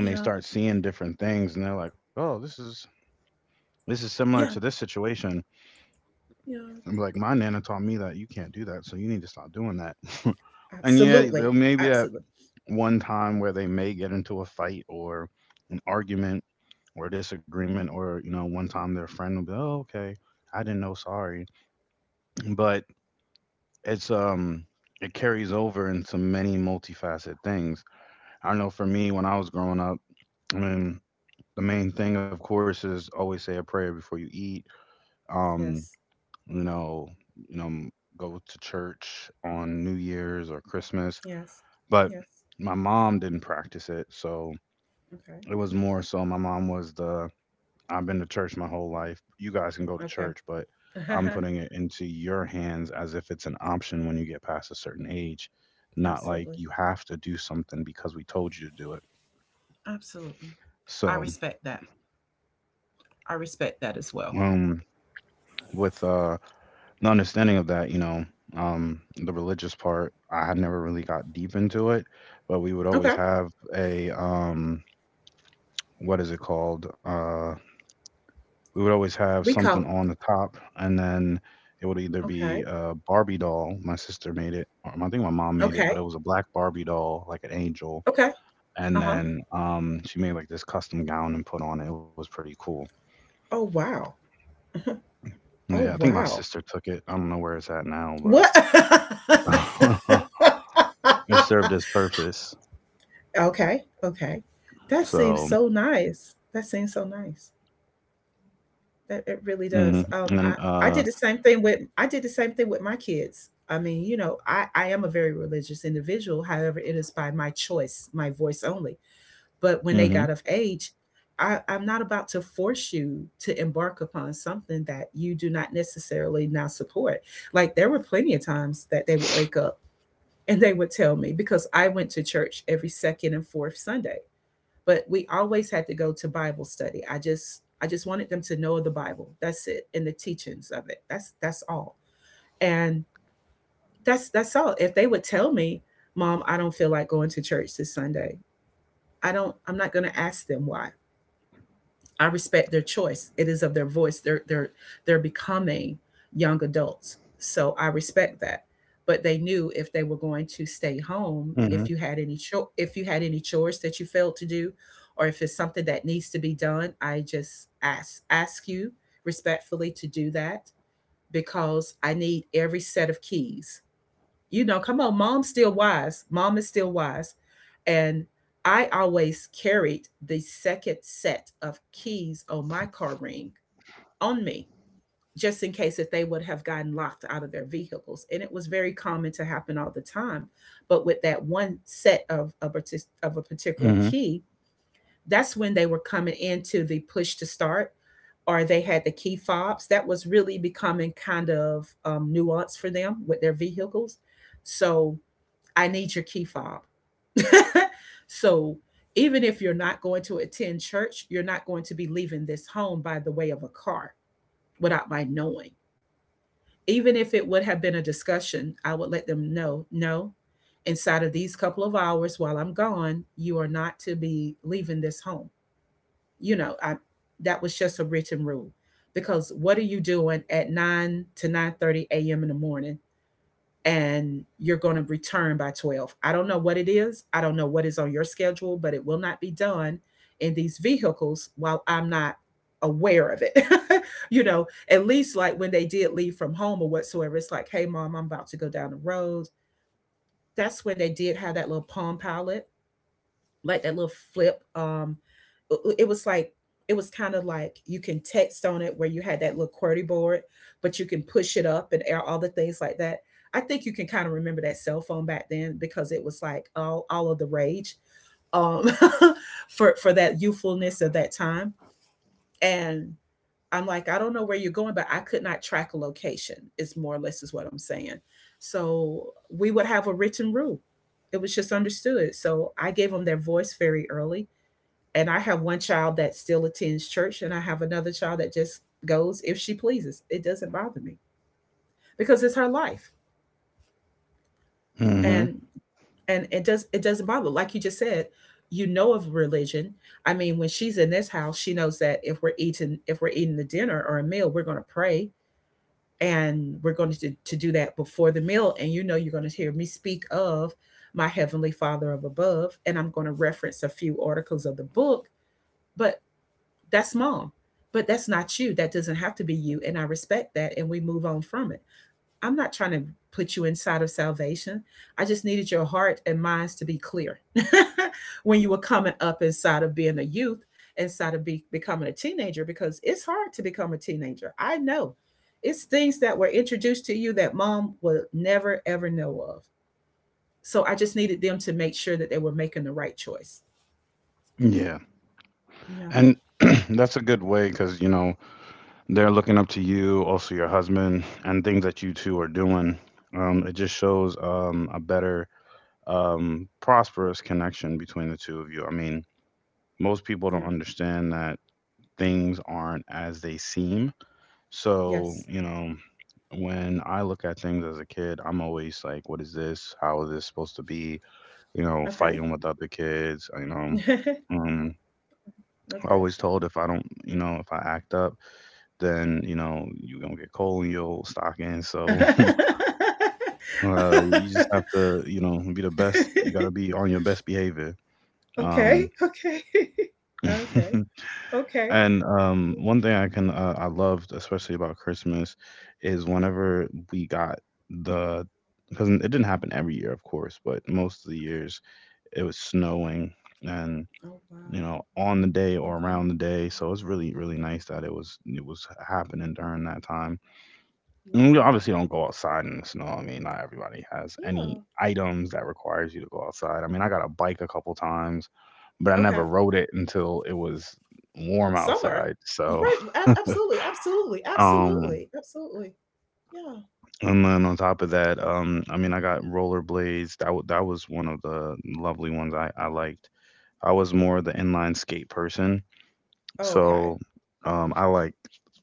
Speaker 1: and then
Speaker 2: yeah,
Speaker 1: they start seeing different things, and they're like, "Oh, this is similar
Speaker 2: yeah,
Speaker 1: to this situation."
Speaker 2: yeah.
Speaker 1: I'm like, "My nana taught me that you can't do that, so you need to stop doing that." *laughs* And yeah,
Speaker 2: Absolutely,
Speaker 1: there may be that
Speaker 2: absolutely.
Speaker 1: one time where they may get into a fight or an argument or disagreement, or you know, one time their friend will be, "Oh, okay, I didn't know, sorry," but it's um it carries over into many multifaceted things. I know for me when I was growing up, I mean the main thing of course is always say a prayer before you eat. Um,
Speaker 2: Yes,
Speaker 1: you know, you know, m- go to church on New Year's or Christmas.
Speaker 2: yes,
Speaker 1: But
Speaker 2: yes.
Speaker 1: my mom didn't practice it, so it was more so my mom was the I've been to church my whole life. You guys can go to
Speaker 2: Okay,
Speaker 1: church, but
Speaker 2: okay.
Speaker 1: I'm putting
Speaker 2: *laughs*
Speaker 1: it into your hands as if it's an option when you get past a certain age, not like
Speaker 2: absolutely,
Speaker 1: you have to do something because we told you to do it.
Speaker 2: absolutely. I
Speaker 1: So,
Speaker 2: respect that. I respect that as well.
Speaker 1: um, with the understanding of that, um, the religious part, I had never really got deep into it, but we would
Speaker 2: Okay,
Speaker 1: always have a what is it called? We would always have
Speaker 2: we
Speaker 1: something
Speaker 2: call.
Speaker 1: on the top, and then it would either
Speaker 2: Okay.
Speaker 1: be a Barbie doll. My sister made it, or I think my mom made it,
Speaker 2: Okay.
Speaker 1: but it was a black Barbie doll, like an angel.
Speaker 2: Okay.
Speaker 1: And
Speaker 2: Uh-huh.
Speaker 1: then she made like this custom gown and put on it. It was pretty cool.
Speaker 2: Oh, wow. Uh-huh.
Speaker 1: Yeah, I
Speaker 2: Oh,
Speaker 1: think my
Speaker 2: wow.
Speaker 1: sister took it. I don't know where it's at now,
Speaker 2: What?
Speaker 1: but
Speaker 2: *laughs*
Speaker 1: *laughs* it served its purpose.
Speaker 2: Okay. Okay. That seems
Speaker 1: So,
Speaker 2: so nice. That seems so nice.
Speaker 1: hmm
Speaker 2: That it
Speaker 1: and
Speaker 2: really
Speaker 1: then,
Speaker 2: does. Um,
Speaker 1: uh,
Speaker 2: I, I did the same thing with I did the same thing with my kids. I mean, I am a very religious individual. However, it is by my choice, my voice only. But when they
Speaker 1: hmm,
Speaker 2: got of age, I'm not about to force you to embark upon something that you do not necessarily now support. Like there were plenty of times that they would wake up and they would tell me because I went to church every second and fourth Sunday, but we always had to go to Bible study. I just wanted them to know the Bible. That's it, and the teachings of it. That's all. And that's all. If they would tell me, "Mom, I don't feel like going to church this Sunday," I don't. I'm not going to ask them why. I respect their choice. It is of their voice. They're becoming young adults. So I respect that. But they knew if they were going to stay
Speaker 1: hmm,
Speaker 2: home, if you had any chores that you failed to do, or if it's something that needs to be done, I just ask you respectfully to do that because I need every set of keys you know, come on, mom's still wise. Mom is still wise. And I always carried the second set of keys on my car ring on me, just in case if they would have gotten locked out of their vehicles. And it was very common to happen all the time. But with that one set of a particular
Speaker 1: hmm,
Speaker 2: key, that's when they were coming into the push to start or they had the key fobs. That was really becoming kind of nuanced for them with their vehicles. So I need your key fob. *laughs* so even if you're not going to attend church, you're not going to be leaving this home by the way of a car without my knowing. Even if it would have been a discussion, I would let them know no, inside of these couple of hours while I'm gone, you are not to be leaving this home. You know, I that was just a written rule because what are you doing at 9 to 9:30 a.m. in the morning and you're going to return by 12. I don't know what it is. I don't know what is on your schedule, but it will not be done in these vehicles while I'm not aware of it. *laughs* you know, at least like when they did leave from home or whatsoever, it's like, hey, mom, I'm about to go down the road. That's when they did have that little Palm Pilot like that little flip. It was like it was kind of like you can text on it where you had that little QWERTY board, but you can push it up and air all the things like that. I think you can kind of remember that cell phone back then because it was like all of the rage um, *laughs* for that youthfulness of that time. And I'm like, I don't know where you're going, but I could not track a location. Is more or less is what I'm saying. So we would have a written rule. It was just understood. So I gave them their voice very early and I have one child that still attends church, and I have another child that just goes if she pleases. It doesn't bother me because it's her life,
Speaker 1: hmm,
Speaker 2: and and it does it doesn't bother. Like you just said, you know of religion. I mean, when she's in this house, she knows that if we're eating a dinner or a meal, we're going to pray and we're going to do that before the meal. And you know, you're going to hear me speak of my heavenly Father of above, and I'm going to reference a few articles of the book. But That's mom. But that's not you. That doesn't have to be you. And I respect that. And we move on from it. I'm not trying to put you inside of salvation. I just needed your heart and minds to be clear *laughs* when you were coming up inside of being a youth, inside of becoming a teenager, because it's hard to become a teenager. I know it's things that were introduced to you that mom will never, ever know of. So I just needed them to make sure that they were making the right choice.
Speaker 1: yeah,
Speaker 2: Yeah,
Speaker 1: and *clears throat* that's a good way because they're looking up to you, also your husband, and things that you two are doing. It just shows a better, prosperous connection between the two of you. I mean, most people
Speaker 2: yeah,
Speaker 1: don't understand that things aren't as they seem. So,
Speaker 2: yes.
Speaker 1: when I look at things as a kid, I'm always like, what is this? How is this supposed to be?
Speaker 2: Okay.
Speaker 1: Fighting with other kids.
Speaker 2: *laughs*
Speaker 1: Um, I
Speaker 2: okay.
Speaker 1: always told if I don't, if I act up, then you're gonna get coal in your old stocking.
Speaker 2: *laughs*
Speaker 1: So
Speaker 2: okay,
Speaker 1: *laughs* you just have to be the best. You gotta be on your best behavior.
Speaker 2: okay,
Speaker 1: Um,
Speaker 2: *laughs* okay, okay,
Speaker 1: *laughs*
Speaker 2: okay.
Speaker 1: and one thing I loved especially about Christmas is whenever we got the because it didn't happen every year, of course, but most of the years it was snowing, and
Speaker 2: Oh wow.
Speaker 1: on the day or
Speaker 2: Okay.
Speaker 1: around the day, so it's really really nice that it was happening during that time. And we
Speaker 2: Wow.
Speaker 1: obviously don't go outside in the snow. I mean, not everybody has any
Speaker 2: Yeah.
Speaker 1: items that requires you to go outside. I mean, I got a bike a couple times, but I
Speaker 2: Okay.
Speaker 1: never rode it until it was warm
Speaker 2: Summer.
Speaker 1: outside.
Speaker 2: You're
Speaker 1: So,
Speaker 2: right. A- absolutely. Absolutely.
Speaker 1: *laughs* um,
Speaker 2: Absolutely. Absolutely. Yeah.
Speaker 1: and then on top of that, I mean, I got rollerblades. That was one of the lovely ones I liked. I was more the inline skate person.
Speaker 2: Okay.
Speaker 1: So I like,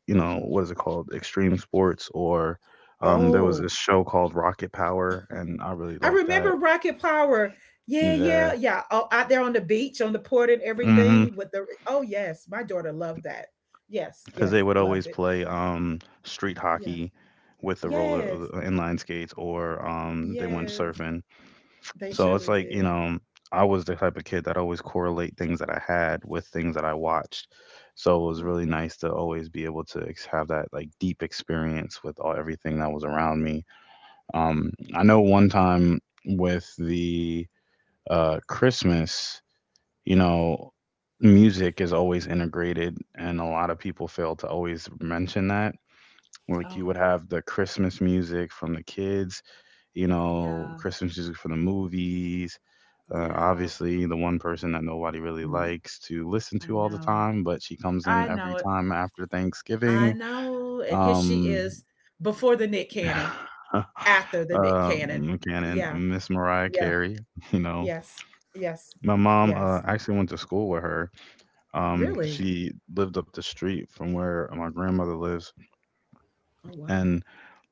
Speaker 1: what is it called? Extreme sports, or there was
Speaker 2: Oh,
Speaker 1: this show called Rocket Power, and I really
Speaker 2: I
Speaker 1: like that.
Speaker 2: remember Rocket Power. Yeah,
Speaker 1: Yeah.
Speaker 2: yeah, yeah. Oh, out there on the beach, on the port, and
Speaker 1: Mm-hmm.
Speaker 2: everything with the. Oh yes, my daughter loved that. Yes,
Speaker 1: Because
Speaker 2: yes,
Speaker 1: they would
Speaker 2: loved
Speaker 1: always
Speaker 2: it.
Speaker 1: play street
Speaker 2: Yeah.
Speaker 1: hockey with the roller
Speaker 2: Yes.
Speaker 1: inline skates, or they went
Speaker 2: Yes,
Speaker 1: surfing.
Speaker 2: they
Speaker 1: So it's
Speaker 2: surely
Speaker 1: like,
Speaker 2: did.
Speaker 1: I was the type of kid that always correlate things that I had with things that I watched. So it was
Speaker 2: Oh.
Speaker 1: really nice to always be able to have that like deep experience with all everything that was around me. I know one time with the Christmas, you know, music is always integrated, and a lot of people fail to always mention that. Like you
Speaker 2: Oh,
Speaker 1: would have the Christmas music from the kids,
Speaker 2: yeah,
Speaker 1: Christmas music from the movies.
Speaker 2: yeah.
Speaker 1: Obviously, the one person that nobody really
Speaker 2: Mm,
Speaker 1: likes to listen
Speaker 2: I
Speaker 1: to all the
Speaker 2: know.
Speaker 1: time, but she comes in
Speaker 2: I
Speaker 1: every
Speaker 2: know it.
Speaker 1: time after
Speaker 2: I
Speaker 1: Thanksgiving.
Speaker 2: know. And here she
Speaker 1: Um,
Speaker 2: is before the Nick Cannon,
Speaker 1: *laughs*
Speaker 2: after the Nick Cannon.
Speaker 1: Buchanan,
Speaker 2: Yeah,
Speaker 1: Miss Mariah
Speaker 2: yeah,
Speaker 1: Carey. *laughs* You know,
Speaker 2: yes, yes,
Speaker 1: my mom.
Speaker 2: yes.
Speaker 1: Actually went to school with her.
Speaker 2: Really?
Speaker 1: She lived up the street from where my grandmother lives,
Speaker 2: Oh, wow.
Speaker 1: and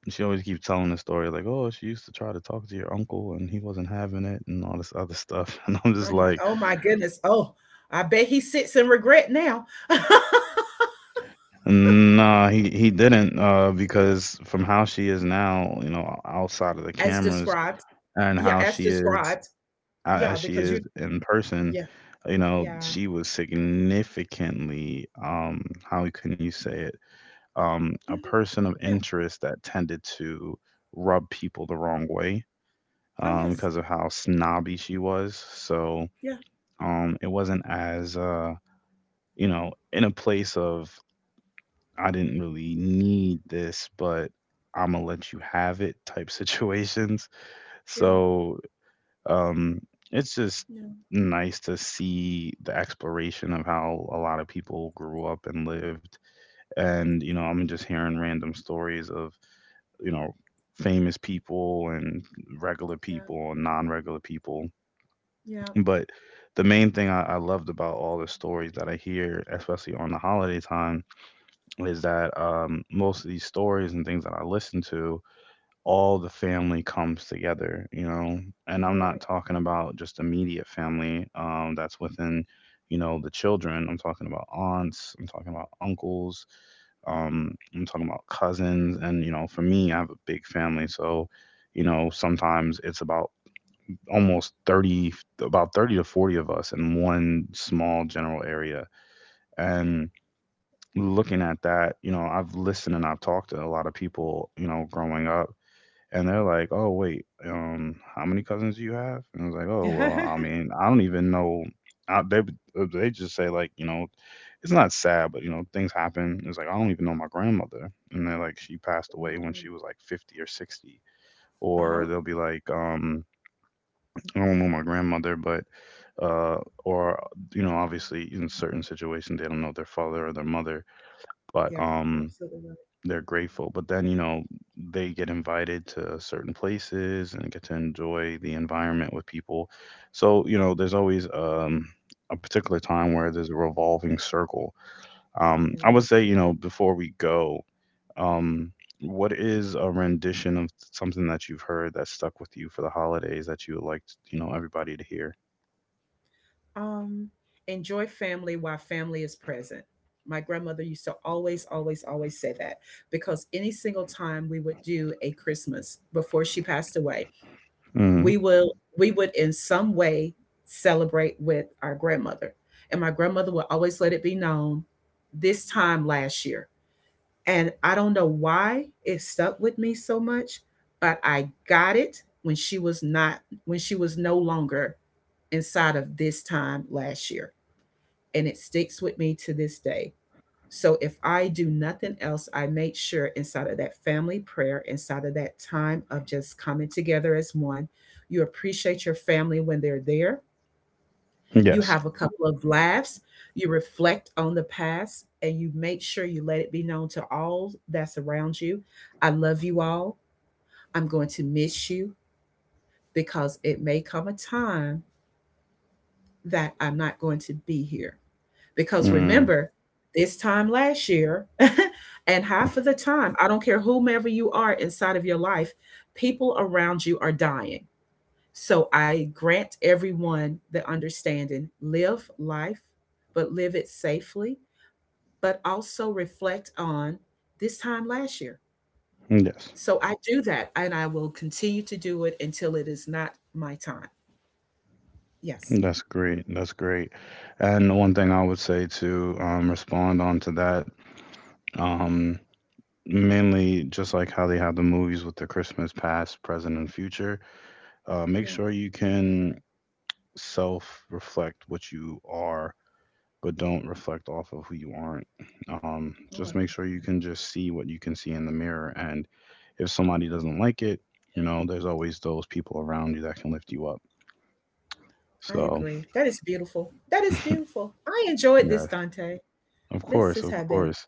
Speaker 1: she always keeps telling the story like, "Oh, she used to try to talk to your uncle, and he wasn't having it, and all this other stuff." *laughs* And I'm just
Speaker 2: I'm like,
Speaker 1: like,
Speaker 2: oh my goodness. Oh, I bet he sits in regret now.
Speaker 1: "Nah, he didn't," because from how she is now, outside of the
Speaker 2: *laughs* as
Speaker 1: cameras.
Speaker 2: described.
Speaker 1: And
Speaker 2: Yeah,
Speaker 1: how
Speaker 2: as
Speaker 1: she is
Speaker 2: described.
Speaker 1: as
Speaker 2: Yeah,
Speaker 1: she
Speaker 2: because
Speaker 1: is
Speaker 2: you,
Speaker 1: in person,
Speaker 2: yeah, yeah.
Speaker 1: she was significantly, how can you say it, a
Speaker 2: mhm,
Speaker 1: person of
Speaker 2: Yeah.
Speaker 1: interest that tended to rub people the wrong way,
Speaker 2: Oh, yes.
Speaker 1: because of how snobby she was. So,
Speaker 2: Yeah,
Speaker 1: it wasn't as, in a place of, I didn't really need this, but I'm gonna let you have it type *laughs* situations.
Speaker 2: yeah.
Speaker 1: So, Um, it's just
Speaker 2: Yeah,
Speaker 1: nice to see the exploration of how a lot of people grew up and lived. And, I'm just hearing random stories of, you know, famous people and regular
Speaker 2: yeah,
Speaker 1: people and non regular people.
Speaker 2: yeah,
Speaker 1: But the main thing I loved about all the stories that I hear, especially on the holiday time, is that most of these stories and things that I listen to, all the family comes together. And I'm not
Speaker 2: you're
Speaker 1: talking about just immediate family that's within, the children. I'm talking about aunts. I'm talking about uncles. I'm talking about cousins. And, for me, I have a big family. So, sometimes it's about almost 30, about 30 to 40 of us in one small general area. And looking at that, I've listened and I've talked to a lot of people, growing up, and they're like, "Oh wait, how many cousins do you have?" And I was like, "Oh
Speaker 2: right.
Speaker 1: well, I
Speaker 2: *laughs*
Speaker 1: mean, I don't even know." I, they just say like, it's not sad, but things happen. It's like I don't even know my grandmother, and they're like, she passed away when she
Speaker 2: Wow.
Speaker 1: was like 50 or 60. Or
Speaker 2: Uh-huh.
Speaker 1: they'll be like, I don't know my grandmother, but uh, or obviously in certain situations they don't know their father or their mother, but
Speaker 2: Yeah, you're absolutely right.
Speaker 1: they're grateful. But then, they get invited to certain places and get to enjoy the environment with people. So, there's always a particular time where there's a revolving circle.
Speaker 2: You're
Speaker 1: I would
Speaker 2: right.
Speaker 1: say, before we go, um, what is a rendition of something that you've heard that stuck with you for the holidays that you would like, everybody to hear?
Speaker 2: Um, enjoy family while family is present. My grandmother used to always, always, always say that because any single time we would do a Christmas before she passed away,
Speaker 1: Hmm.
Speaker 2: we will we would in some way celebrate with our grandmother. And my grandmother would always let it be known this time last year. And I don't know why it stuck with me so much, but I got it when she was not, when she was no longer inside of this time last year. And it sticks with me to this day. So if I do nothing else, I make sure inside of that family prayer, inside of that time of just coming together as one, you appreciate your family when they're there you
Speaker 1: Yes.
Speaker 2: have a couple of laughs, you reflect on the past, and you make sure you let it be known to all that's around you. I love you all. I'm going to miss you because it may come a time that I'm not going to be here. Because
Speaker 1: Mm,
Speaker 2: remember, this time last year, *laughs* and half of the time, I don't care whomever you are inside of your life, people around you are dying. So I grant everyone the understanding live life, but live it safely, but also reflect on this time last year.
Speaker 1: yes.
Speaker 2: So I do that and I will continue to do it until it is not my time. Yes.
Speaker 1: That's great. That's great. And the one thing I would say to respond on to that. Um, Mainly just like how they have the movies with the Christmas past, present, and future. Make
Speaker 2: Yeah.
Speaker 1: sure you can self reflect what you are, but don't reflect off of who you aren't.
Speaker 2: Oh,
Speaker 1: Just
Speaker 2: I love
Speaker 1: make sure you can just see what you can see in the mirror. And if somebody doesn't like it, there's always those people around you that can lift you up.
Speaker 2: that. I
Speaker 1: So,
Speaker 2: agree. That is beautiful. That is
Speaker 1: *laughs*
Speaker 2: beautiful. I enjoyed
Speaker 1: yeah,
Speaker 2: this, Dante.
Speaker 1: of
Speaker 2: This
Speaker 1: course,
Speaker 2: has
Speaker 1: of
Speaker 2: been,
Speaker 1: course.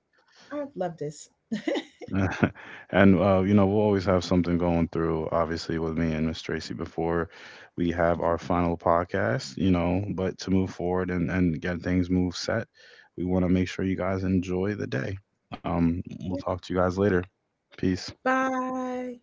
Speaker 2: I've loved this. *laughs*
Speaker 1: *laughs* And we'll always have something going through. Obviously, with me and Miss Tracy before we have our final podcast. But to move forward and get things move set, we want to make sure you guys enjoy the day. We'll talk to you guys later. Peace.
Speaker 2: Bye.